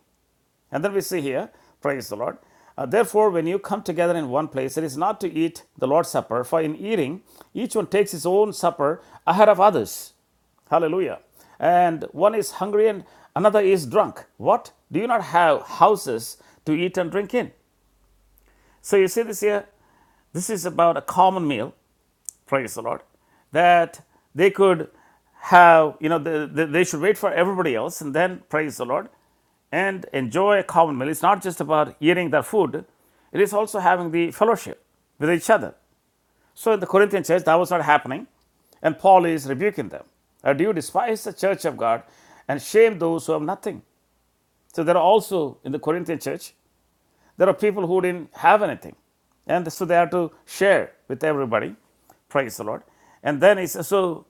Speaker 3: And then we see here, praise the Lord. Uh, Therefore, when you come together in one place, it is not to eat the Lord's Supper, for in eating, each one takes his own supper ahead of others. Hallelujah. And one is hungry and another is drunk. What? Do you not have houses to eat and drink in? So you see this here? This is about a common meal praise the Lord, that they could have, you know, the, the, they should wait for everybody else and then praise the Lord and enjoy a common meal. It's not just about eating their food, it is also having the fellowship with each other. So in the Corinthian church, that was not happening, and Paul is rebuking them. Uh, Do you despise the church of God and shame those who have nothing? So there are also in the Corinthian church there are people who didn't have anything, and so they have to share with everybody. Praise the Lord. And then he says, so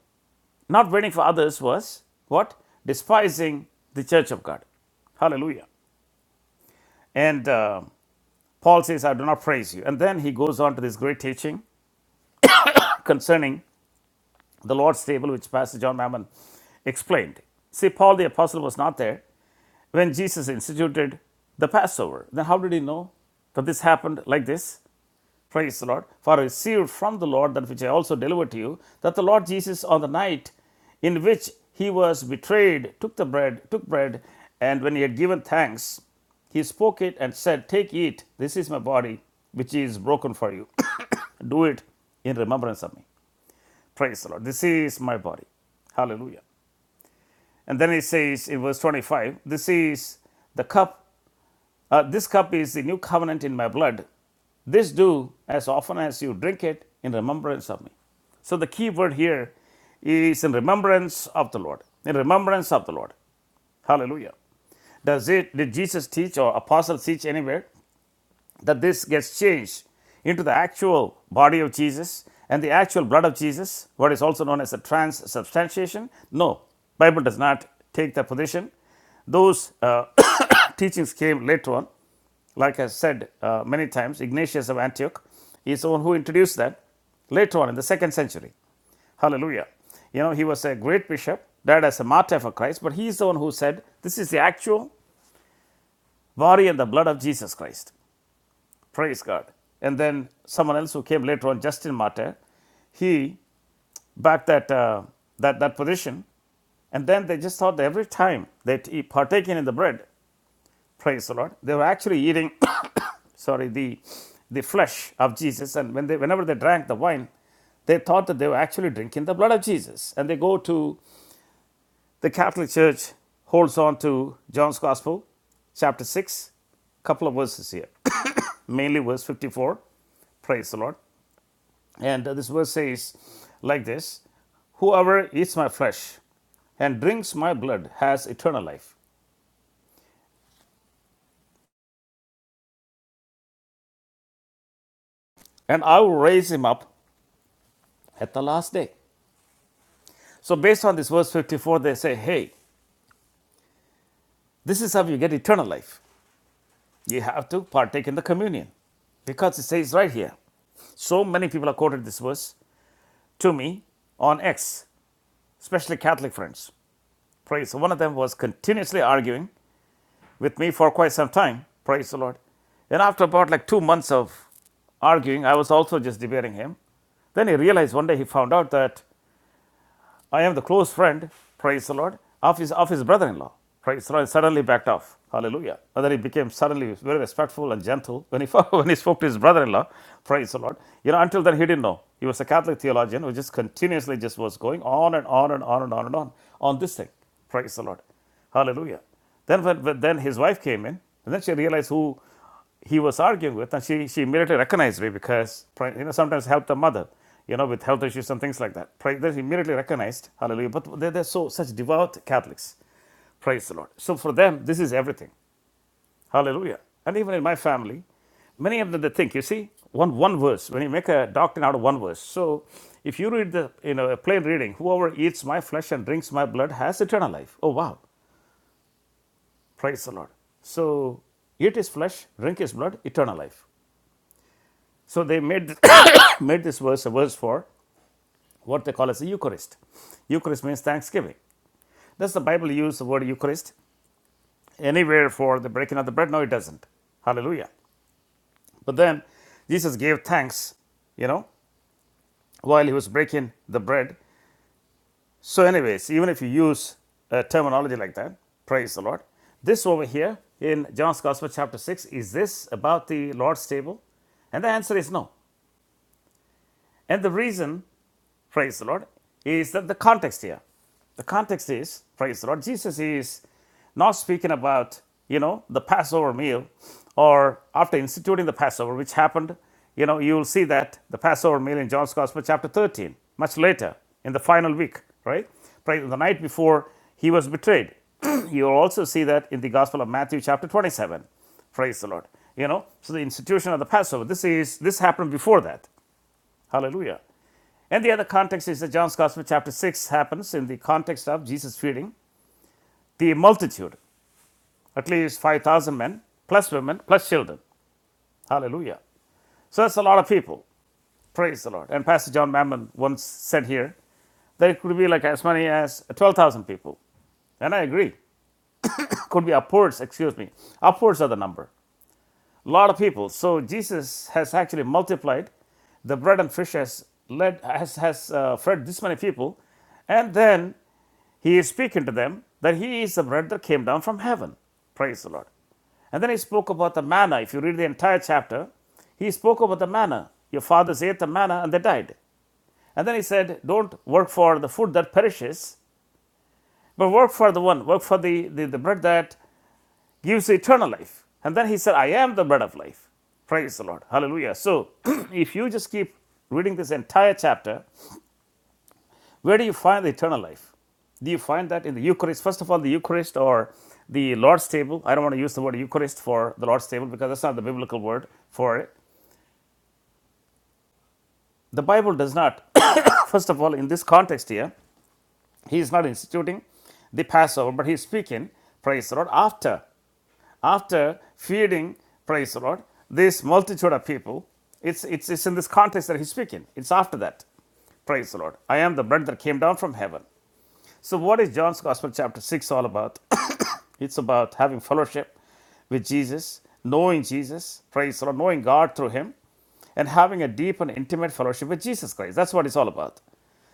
Speaker 3: not waiting for others was what? Despising the church of God. Hallelujah. And uh, Paul says, I do not praise you. And then he goes on to this great teaching concerning the Lord's table, which Pastor John Mammon explained. See, Paul the apostle was not there when Jesus instituted the Passover. Then how did he know that this happened like this? Praise the Lord. For I received from the Lord that which I also delivered to you, that the Lord Jesus, on the night in which he was betrayed, took the bread, took bread, and when he had given thanks, he spoke it and said, Take, eat, this is my body, which is broken for you. Do it in remembrance of me. Praise the Lord. This is my body. Hallelujah. And then he says in verse 25, This is the cup uh, this cup is the new covenant in my blood. This do as often as you drink it in remembrance of me. So the key word here is in remembrance of the Lord. In remembrance of the Lord. Hallelujah. Does it did Jesus teach or apostles teach anywhere? that this gets changed into the actual body of Jesus and the actual blood of Jesus, what is also known as the transubstantiation. No, Bible does not take that position. Those uh, teachings came later on. Like I said uh, many times, Ignatius of Antioch is the one who introduced that later on in the second century. Hallelujah. You know, he was a great bishop, died as a martyr for Christ, but he is the one who said, This is the actual body and the blood of Jesus Christ. Praise God. And then someone else who came later on, Justin Martyr, he backed that, uh, that, that position. And then they just thought that every time that he partaking in the bread, praise the Lord, they were actually eating, sorry, the, the flesh of Jesus. And when they, whenever they drank the wine, they thought that they were actually drinking the blood of Jesus. And they go to the Catholic Church, holds on to John's Gospel, chapter 6, couple of verses here, mainly verse 54. Praise the Lord. And this verse says like this Whoever eats my flesh and drinks my blood has eternal life, and I will raise him up at the last day. So, based on this verse 54, they say, Hey, this is how you get eternal life. You have to partake in the communion because it says right here. So many people have quoted this verse to me on X, especially Catholic friends. Praise. So One of them was continuously arguing with me for quite some time. Praise the Lord. Then, after about like two months of arguing, I was also just debating him. Then he realized one day he found out that I am the close friend, praise the Lord, of his, of his brother in law. Praise the Lord. And suddenly backed off. Hallelujah. And he became suddenly very respectful and gentle when he, when he spoke to his brother in law. Praise the Lord. You know, until then he didn't know. He was a Catholic theologian who just continuously just was going on and on and on and on and on on this thing. Praise the Lord. Hallelujah. Then, when, when- then his wife came in, and then she realized who he was arguing with, and she, she immediately recognized me because you know sometimes help the mother, you know, with health issues and things like that. She immediately recognized, hallelujah. But they they're so such devout Catholics, praise the Lord. So for them, this is everything, hallelujah. And even in my family, many of them they think, you see, one one verse. When you make a doctrine out of one verse, so if you read the you know a plain reading, whoever eats my flesh and drinks my blood has eternal life. Oh wow, praise the Lord. So eat his flesh, drink his blood, eternal life. So they made this, made this verse a verse for what they call as the Eucharist. Eucharist means thanksgiving. Does the Bible use the word Eucharist anywhere for the breaking of the bread? No, it doesn't. Hallelujah. But then Jesus gave thanks, you know, while he was breaking the bread. So, anyways, even if you use a terminology like that, praise the Lord. This over here in John's Gospel, chapter 6, is this about the Lord's table? And the answer is no. And the reason praise the Lord, is that the context here. The context is, praise the Lord, Jesus is not speaking about, you know, the Passover meal or after instituting the Passover, which happened, you know, you will see that the Passover meal in John's Gospel, chapter 13, much later in the final week, right? Praise the night before he was betrayed. you will also see that in the Gospel of Matthew, chapter 27. Praise the Lord. You know, so the institution of the Passover, this is this happened before that. Hallelujah. And the other context is that John's Gospel, chapter 6, happens in the context of Jesus feeding the multitude, at least 5,000 men, plus women, plus children. Hallelujah. So that's a lot of people. Praise the Lord. And Pastor John Mammon once said here that it could be like as many as 12,000 people. And I agree. Could be upwards, excuse me. Upwards of the number. a lot of people. So Jesus has actually multiplied the bread and fish has led has has uh, fed this many people, and then he is speaking to them that he is the bread that came down from heaven. Praise the Lord. And then he spoke about the manna. If you read the entire chapter, he spoke about the manna. Your fathers ate the manna and they died. And then he said, Don't work for the food that perishes, but work for the one, work for the, the, the bread that gives eternal life. And then he said, I am the bread of life. Praise the Lord. Hallelujah. So, if you just keep reading this entire chapter, where do you find the eternal life? Do you find that in the Eucharist? First of all, the Eucharist or the Lord's table. I don't want to use the word Eucharist for the Lord's table because that's not the biblical word for it. The Bible does not, first of all, in this context here, he is not instituting the Passover, but he is speaking, praise the Lord, after after feeding, praise the Lord, this multitude of people. It's, it's, it's in this context that he's speaking. It's after that. Praise the Lord. I am the bread that came down from heaven. So, what is John's Gospel, chapter 6, all about? it's about having fellowship with Jesus, knowing Jesus, praise the Lord, knowing God through Him, and having a deep and intimate fellowship with Jesus Christ. That's what it's all about.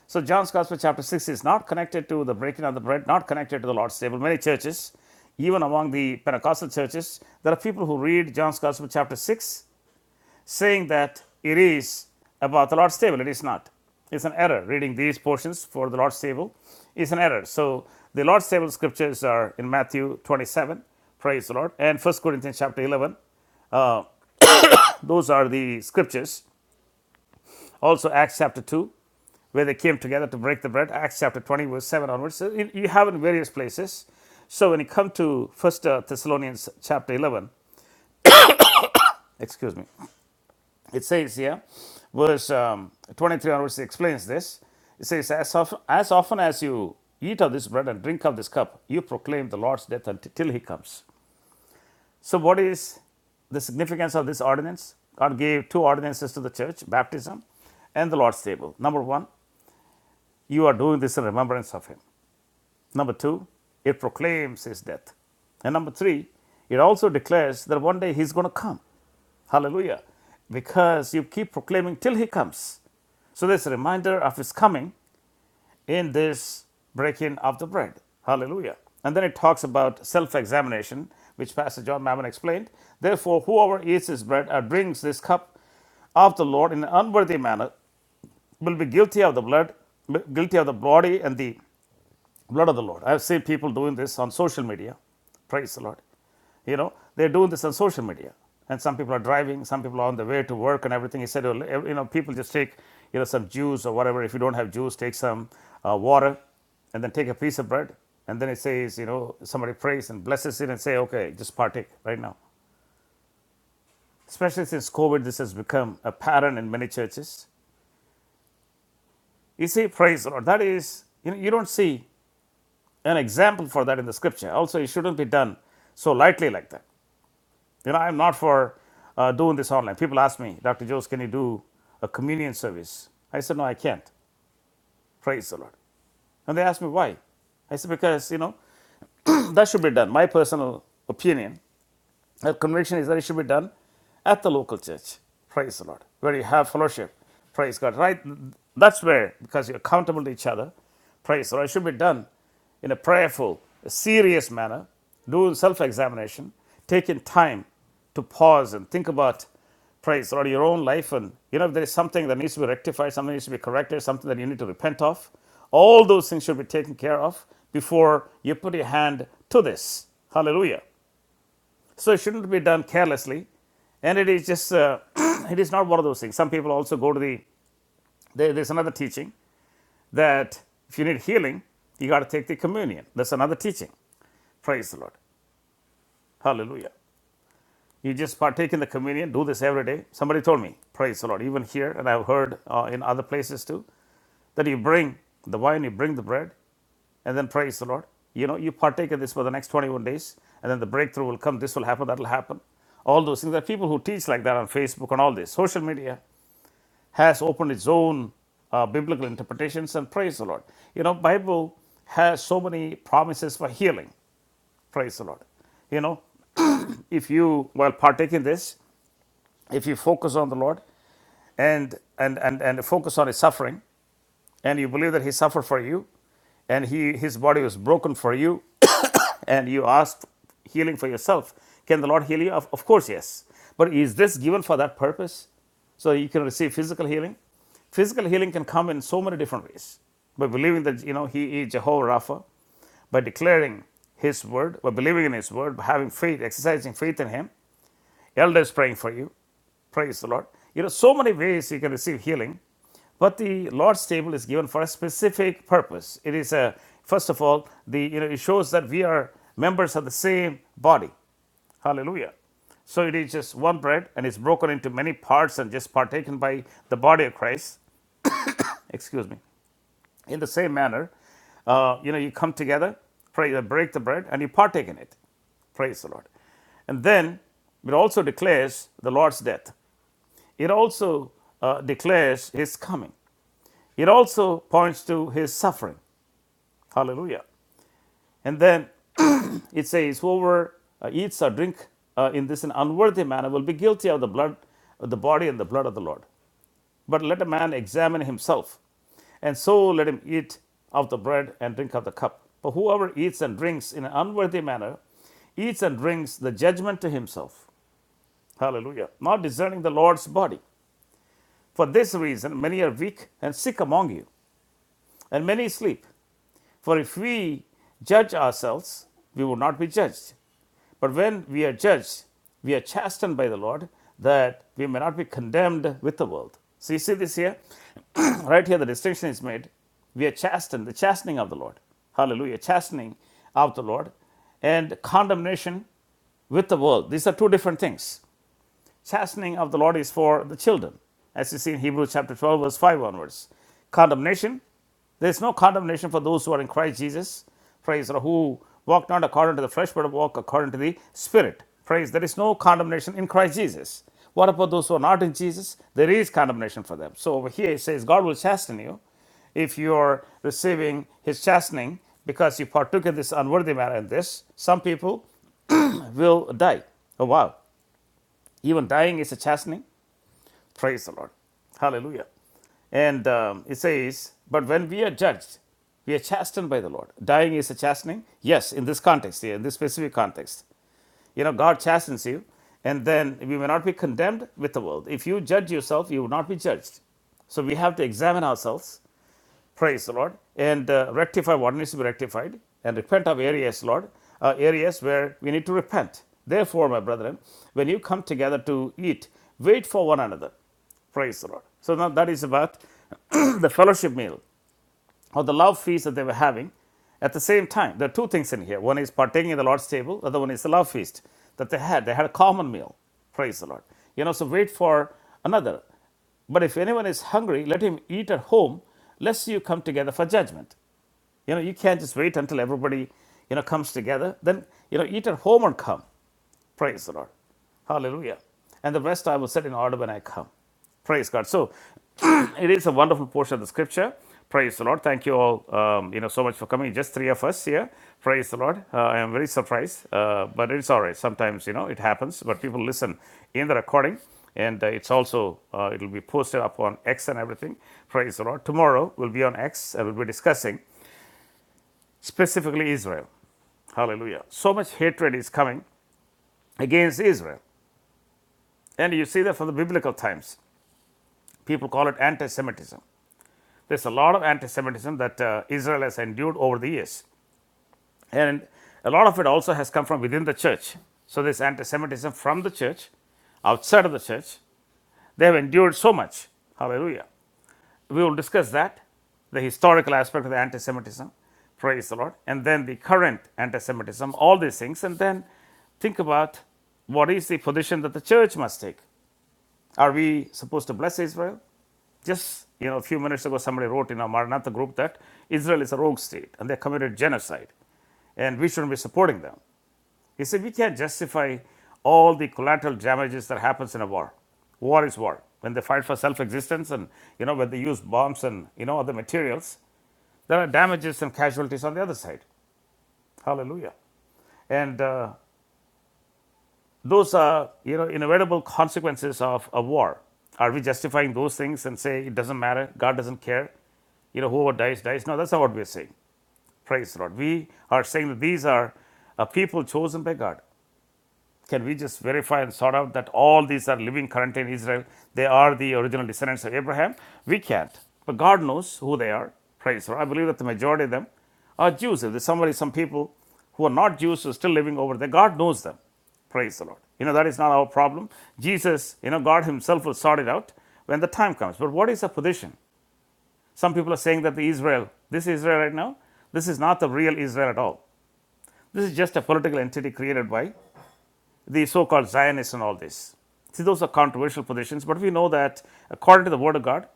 Speaker 3: So, John's Gospel, chapter 6, is not connected to the breaking of the bread, not connected to the Lord's table. Many churches, even among the Pentecostal churches, there are people who read John's Gospel, chapter 6 saying that it is about the Lord's table. It is not. It's an error. Reading these portions for the Lord's table is an error. So the Lord's table scriptures are in Matthew 27, praise the Lord, and First Corinthians chapter 11. Uh, those are the scriptures. Also Acts chapter 2, where they came together to break the bread, Acts chapter 20, verse 7 onwards. So you you have in various places. So when you come to First uh, Thessalonians chapter 11, excuse me, It says here, verse um, 23 onwards explains this. It says, as, of, as often as you eat of this bread and drink of this cup, you proclaim the Lord's death until till he comes. So, what is the significance of this ordinance? God gave two ordinances to the church baptism and the Lord's table. Number one, you are doing this in remembrance of him. Number two, it proclaims his death. And number three, it also declares that one day he's going to come. Hallelujah. Because you keep proclaiming till he comes. So there's a reminder of his coming in this breaking of the bread. Hallelujah. And then it talks about self examination, which Pastor John Mammon explained. Therefore, whoever eats this bread or drinks this cup of the Lord in an unworthy manner will be guilty of the blood, guilty of the body and the Blood of the Lord. I've seen people doing this on social media. Praise the Lord. You know, they're doing this on social media. And some people are driving, some people are on the way to work and everything. He said, well, you know, people just take, you know, some juice or whatever. If you don't have juice, take some uh, water and then take a piece of bread. And then it says, you know, somebody prays and blesses it and say, okay, just partake right now. Especially since COVID, this has become a pattern in many churches. You see, praise the Lord. That is, you know, you don't see an example for that in the scripture. Also, it shouldn't be done so lightly like that. You know, I'm not for uh, doing this online. People ask me, Dr. Jose, can you do a communion service? I said, no, I can't. Praise the Lord. And they asked me why. I said, because, you know, that should be done. My personal opinion our conviction is that it should be done at the local church. Praise the Lord. Where you have fellowship. Praise God. Right? That's where, because you're accountable to each other. Praise the Lord. It should be done in a prayerful, a serious manner, doing self examination, taking time to pause and think about, praise the Lord, your own life. And, you know, if there is something that needs to be rectified, something needs to be corrected, something that you need to repent of, all those things should be taken care of before you put your hand to this. Hallelujah. So it shouldn't be done carelessly, and it is just uh, it is not one of those things. Some people also go to the there, there's another teaching that if you need healing, you got to take the communion. That's another teaching. Praise the Lord. Hallelujah. You just partake in the communion, do this every day. Somebody told me, praise the Lord, even here, and I've heard uh, in other places too, that you bring the wine, you bring the bread, and then praise the Lord. You know, you partake of this for the next 21 days, and then the breakthrough will come. This will happen, that will happen. All those things. There are people who teach like that on Facebook and all this. Social media has opened its own uh, biblical interpretations, and praise the Lord. You know, Bible has so many promises for healing. Praise the Lord. You know, if you while partaking this, if you focus on the Lord and and and, and focus on his suffering and you believe that he suffered for you and he his body was broken for you and you ask healing for yourself can the lord heal you of, of course yes but is this given for that purpose so you can receive physical healing physical healing can come in so many different ways by believing that you know he is jehovah rapha by declaring his word by believing in his word by having faith exercising faith in him Elders praying for you. Praise the Lord. You know, so many ways you can receive healing, but the Lord's table is given for a specific purpose. It is a first of all, the you know, it shows that we are members of the same body. Hallelujah. So it is just one bread and it's broken into many parts and just partaken by the body of Christ. Excuse me. In the same manner, uh, you know, you come together, pray, uh, break the bread, and you partake in it. Praise the Lord. And then it also declares the Lord's death. It also uh, declares his coming. It also points to his suffering. Hallelujah. And then it says, Whoever uh, eats or drink uh, in this an unworthy manner will be guilty of the blood, of the body and the blood of the Lord. But let a man examine himself, and so let him eat of the bread and drink of the cup. But whoever eats and drinks in an unworthy manner eats and drinks the judgment to himself. Hallelujah. Not discerning the Lord's body. For this reason, many are weak and sick among you, and many sleep. For if we judge ourselves, we would not be judged. But when we are judged, we are chastened by the Lord that we may not be condemned with the world. So you see this here? right here, the distinction is made. We are chastened, the chastening of the Lord. Hallelujah. Chastening of the Lord and condemnation with the world. These are two different things. Chastening of the Lord is for the children, as you see in Hebrews chapter 12, verse 5 onwards. Condemnation. There is no condemnation for those who are in Christ Jesus. Praise or who walk not according to the flesh, but walk according to the Spirit. Praise. There is no condemnation in Christ Jesus. What about those who are not in Jesus? There is condemnation for them. So over here it says, God will chasten you if you're receiving his chastening because you partook in this unworthy manner in this, some people will die. Oh wow. Even dying is a chastening. Praise the Lord. Hallelujah. And um, it says, But when we are judged, we are chastened by the Lord. Dying is a chastening? Yes, in this context, here, in this specific context. You know, God chastens you, and then we may not be condemned with the world. If you judge yourself, you will not be judged. So we have to examine ourselves Praise the Lord. And uh, rectify what needs to be rectified and repent of areas, Lord, uh, areas where we need to repent. Therefore, my brethren, when you come together to eat, wait for one another. Praise the Lord. So now that is about the fellowship meal. Or the love feast that they were having. At the same time, there are two things in here. One is partaking of the Lord's table, the other one is the love feast that they had. They had a common meal. Praise the Lord. You know, so wait for another. But if anyone is hungry, let him eat at home, lest you come together for judgment. You know, you can't just wait until everybody, you know, comes together. Then, you know, eat at home and come. Praise the Lord. Hallelujah. And the rest I will set in order when I come. Praise God. So it is a wonderful portion of the scripture. Praise the Lord. Thank you all, um, you know, so much for coming. Just three of us here. Praise the Lord. Uh, I am very surprised, uh, but it's all right. Sometimes, you know, it happens, but people listen in the recording and uh, it's also uh, it'll be posted up on x and everything praise the lord tomorrow we'll be on x and we'll be discussing specifically israel hallelujah so much hatred is coming against israel And you see that from the biblical times. People call it anti Semitism. There's a lot of anti Semitism that uh, Israel has endured over the years. And a lot of it also has come from within the church. So there's anti Semitism from the church, outside of the church. They have endured so much. Hallelujah. We will discuss that, the historical aspect of the anti Semitism. Praise the Lord. And then the current anti Semitism, all these things. And then think about what is the position that the church must take Are we supposed to bless Israel? Just you know, a few minutes ago, somebody wrote in our Maranatha group that Israel is a rogue state and they committed genocide, and we shouldn't be supporting them. He said we can't justify all the collateral damages that happens in a war. War is war. When they fight for self-existence, and you know, when they use bombs and you know other materials, there are damages and casualties on the other side. Hallelujah. And uh, Those are, you know, inevitable consequences of a war. Are we justifying those things and say it doesn't matter, God doesn't care? You know, whoever dies, dies. No, that's not what we're saying. Praise the Lord. We are saying that these are a people chosen by God, can we just verify and sort out that all these are living currently in Israel? They are the original descendants of Abraham? We can't. But God knows who they are. Praise the Lord. I believe that the majority of them are Jews. If there's somebody, some people who are not Jews who are still living over there, God knows them. Praise the Lord. You know, that is not our problem. Jesus, you know, God Himself will sort it out when the time comes. But what is the position? Some people are saying that the Israel, this Israel right now, this is not the real Israel at all. This is just a political entity created by the so called Zionists and all this. See, those are controversial positions, but we know that according to the Word of God,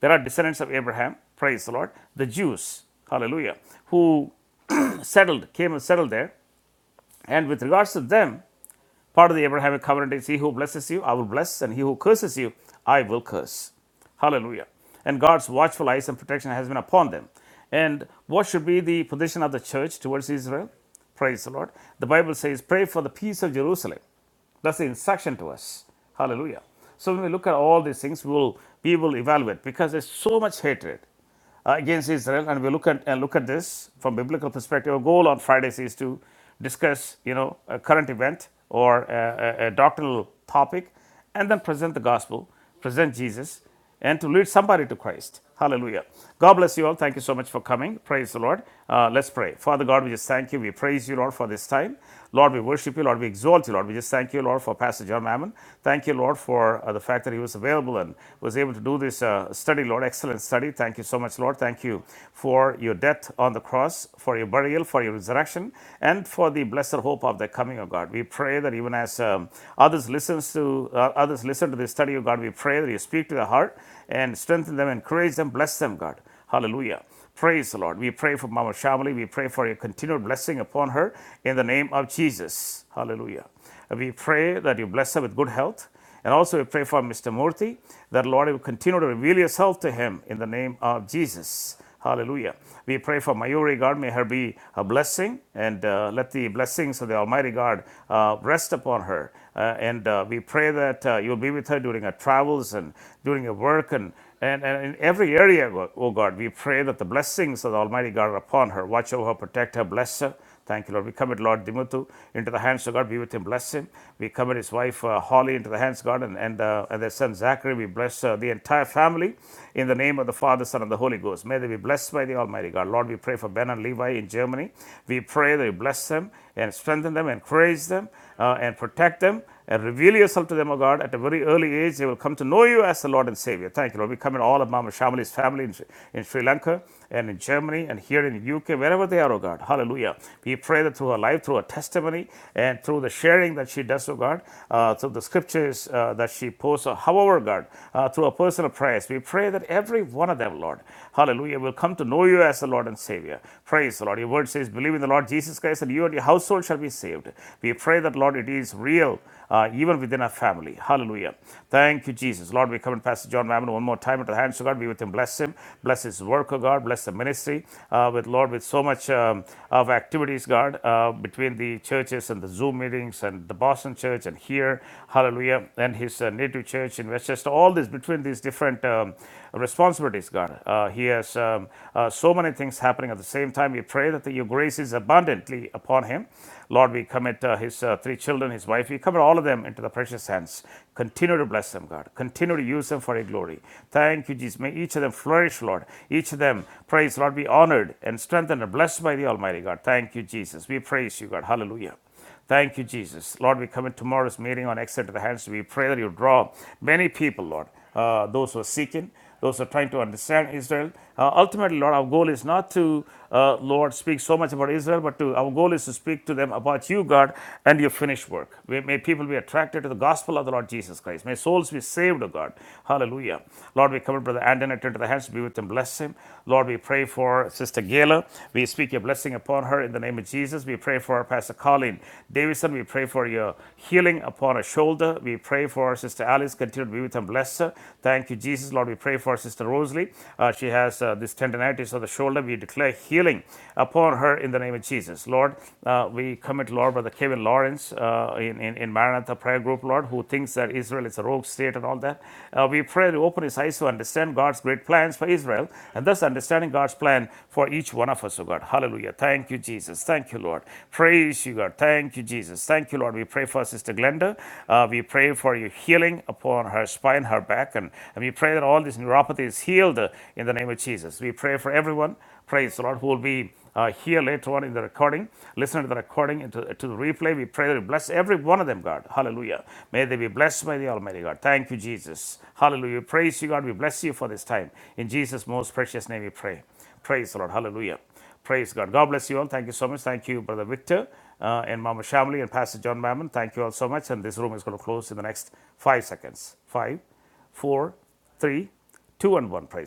Speaker 3: there are descendants of Abraham, praise the Lord, the Jews, hallelujah, who settled, came and settled there and with regards to them, part of the Abrahamic covenant is he who blesses you, I will bless, and he who curses you, I will curse. Hallelujah. And God's watchful eyes and protection has been upon them. And what should be the position of the church towards Israel? Praise the Lord. The Bible says, Pray for the peace of Jerusalem. That's the instruction to us. Hallelujah. So when we look at all these things, we will, we will evaluate because there's so much hatred uh, against Israel, and we look at and look at this from biblical perspective. Our goal on Fridays is to discuss, you know, a current event or a, a, a doctrinal topic, and then present the gospel, present Jesus, and to lead somebody to Christ. Hallelujah. God bless you all. Thank you so much for coming. Praise the Lord. Uh, let's pray. Father God, we just thank you. We praise you, Lord, for this time. Lord, we worship you. Lord, we exalt you. Lord, we just thank you, Lord, for Pastor John Mammon. Thank you, Lord, for uh, the fact that he was available and was able to do this uh, study, Lord. Excellent study. Thank you so much, Lord. Thank you for your death on the cross, for your burial, for your resurrection, and for the blessed hope of the coming of God. We pray that even as um, others listens to uh, others listen to this study of God, we pray that you speak to their heart and strengthen them, encourage them, bless them, God. Hallelujah. Praise the Lord. We pray for Mama Shamali. We pray for your continued blessing upon her in the name of Jesus. Hallelujah. We pray that you bless her with good health. And also, we pray for Mr. Murthy that, Lord, you continue to reveal yourself to him in the name of Jesus. Hallelujah. We pray for Mayuri God. May her be a blessing and uh, let the blessings of the Almighty God uh, rest upon her uh, and uh, we pray that uh, you'll be with her during her travels and during her work and, and, and in every area, Go- oh God. We pray that the blessings of the Almighty God are upon her. Watch over her, protect her, bless her. Thank you, Lord. We commit Lord Dimuthu into the hands of God. Be with him, bless him. We commit his wife uh, Holly into the hands of God and, and, uh, and their son Zachary. We bless uh, the entire family in the name of the Father, Son, and the Holy Ghost. May they be blessed by the Almighty God. Lord, we pray for Ben and Levi in Germany. We pray that you bless them and strengthen them, encourage them uh, and protect them and reveal yourself to them, O God, at a very early age. They will come to know you as the Lord and Savior. Thank you, Lord. We commit all of Mama Shamali's family in, in Sri Lanka and in Germany and here in the UK, wherever they are, O God. Hallelujah. We pray that through her life, through her testimony, and through the sharing that she does, O God, uh, through the scriptures uh, that she posts, however, God, uh, through her personal prayers, we pray that every one of them, Lord, hallelujah, will come to know you as the Lord and Savior. Praise the Lord. Your word says, believe in the Lord Jesus Christ, and you and your household shall be be saved. We pray that, Lord, it is real uh, even within our family. Hallelujah. Thank you, Jesus. Lord, we come and Pastor John Mammon one more time into the hands of God. Be with him. Bless him. Bless his work, oh God. Bless the ministry uh, with, Lord, with so much um, of activities, God, uh, between the churches and the Zoom meetings and the Boston church and here. Hallelujah. And his uh, native church in Westchester. All this between these different um, responsibilities, God. Uh, he has um, uh, so many things happening at the same time. We pray that the, your grace is abundantly upon him Lord, we commit uh, his uh, three children, his wife, we commit all of them into the precious hands. Continue to bless them, God. Continue to use them for your glory. Thank you, Jesus. May each of them flourish, Lord. Each of them, praise, Lord, be honored and strengthened and blessed by the Almighty God. Thank you, Jesus. We praise you, God. Hallelujah. Thank you, Jesus. Lord, we commit tomorrow's meeting on Exit to the hands. We pray that you draw many people, Lord, uh, those who are seeking, those who are trying to understand Israel. Uh, ultimately, Lord, our goal is not to, uh, Lord, speak so much about Israel, but to our goal is to speak to them about you, God, and your finished work. May, may people be attracted to the gospel of the Lord Jesus Christ. May souls be saved, O God. Hallelujah. Lord, we commit Brother Antoinette into the hands. Be with him. Bless him. Lord, Lord, we pray for Sister Gayla. We speak your blessing upon her in the name of Jesus. We pray for Pastor Colin Davidson. We pray for your healing upon her shoulder. We pray for Sister Alice. Continue to be with and bless her. Thank you, Jesus. Lord, we pray for Sister Rosalie. Uh, she has uh, this tendinitis of the shoulder. We declare healing upon her in the name of Jesus. Lord, uh, we commit, Lord, Brother Kevin Lawrence uh, in, in, in Maranatha Prayer Group, Lord, who thinks that Israel. It's a rogue state and all that. Uh, we pray to open his eyes to understand God's great plans for Israel and thus understanding God's plan for each one of us, oh God. Hallelujah. Thank you, Jesus. Thank you, Lord. Praise you, God. Thank you, Jesus. Thank you, Lord. We pray for Sister Glenda. Uh, we pray for your healing upon her spine, her back, and, and we pray that all this neuropathy is healed uh, in the name of Jesus. We pray for everyone Praise the Lord, who will be uh, here later on in the recording. Listen to the recording and to, to the replay. We pray that you bless every one of them, God. Hallelujah. May they be blessed by the Almighty God. Thank you, Jesus. Hallelujah. Praise you, God. We bless you for this time. In Jesus' most precious name we pray. Praise the Lord. Hallelujah. Praise God. God bless you all. Thank you so much. Thank you, Brother Victor uh, and Mama Shamli and Pastor John Mammon. Thank you all so much. And this room is going to close in the next five seconds. Five, four, three, two, and one. Praise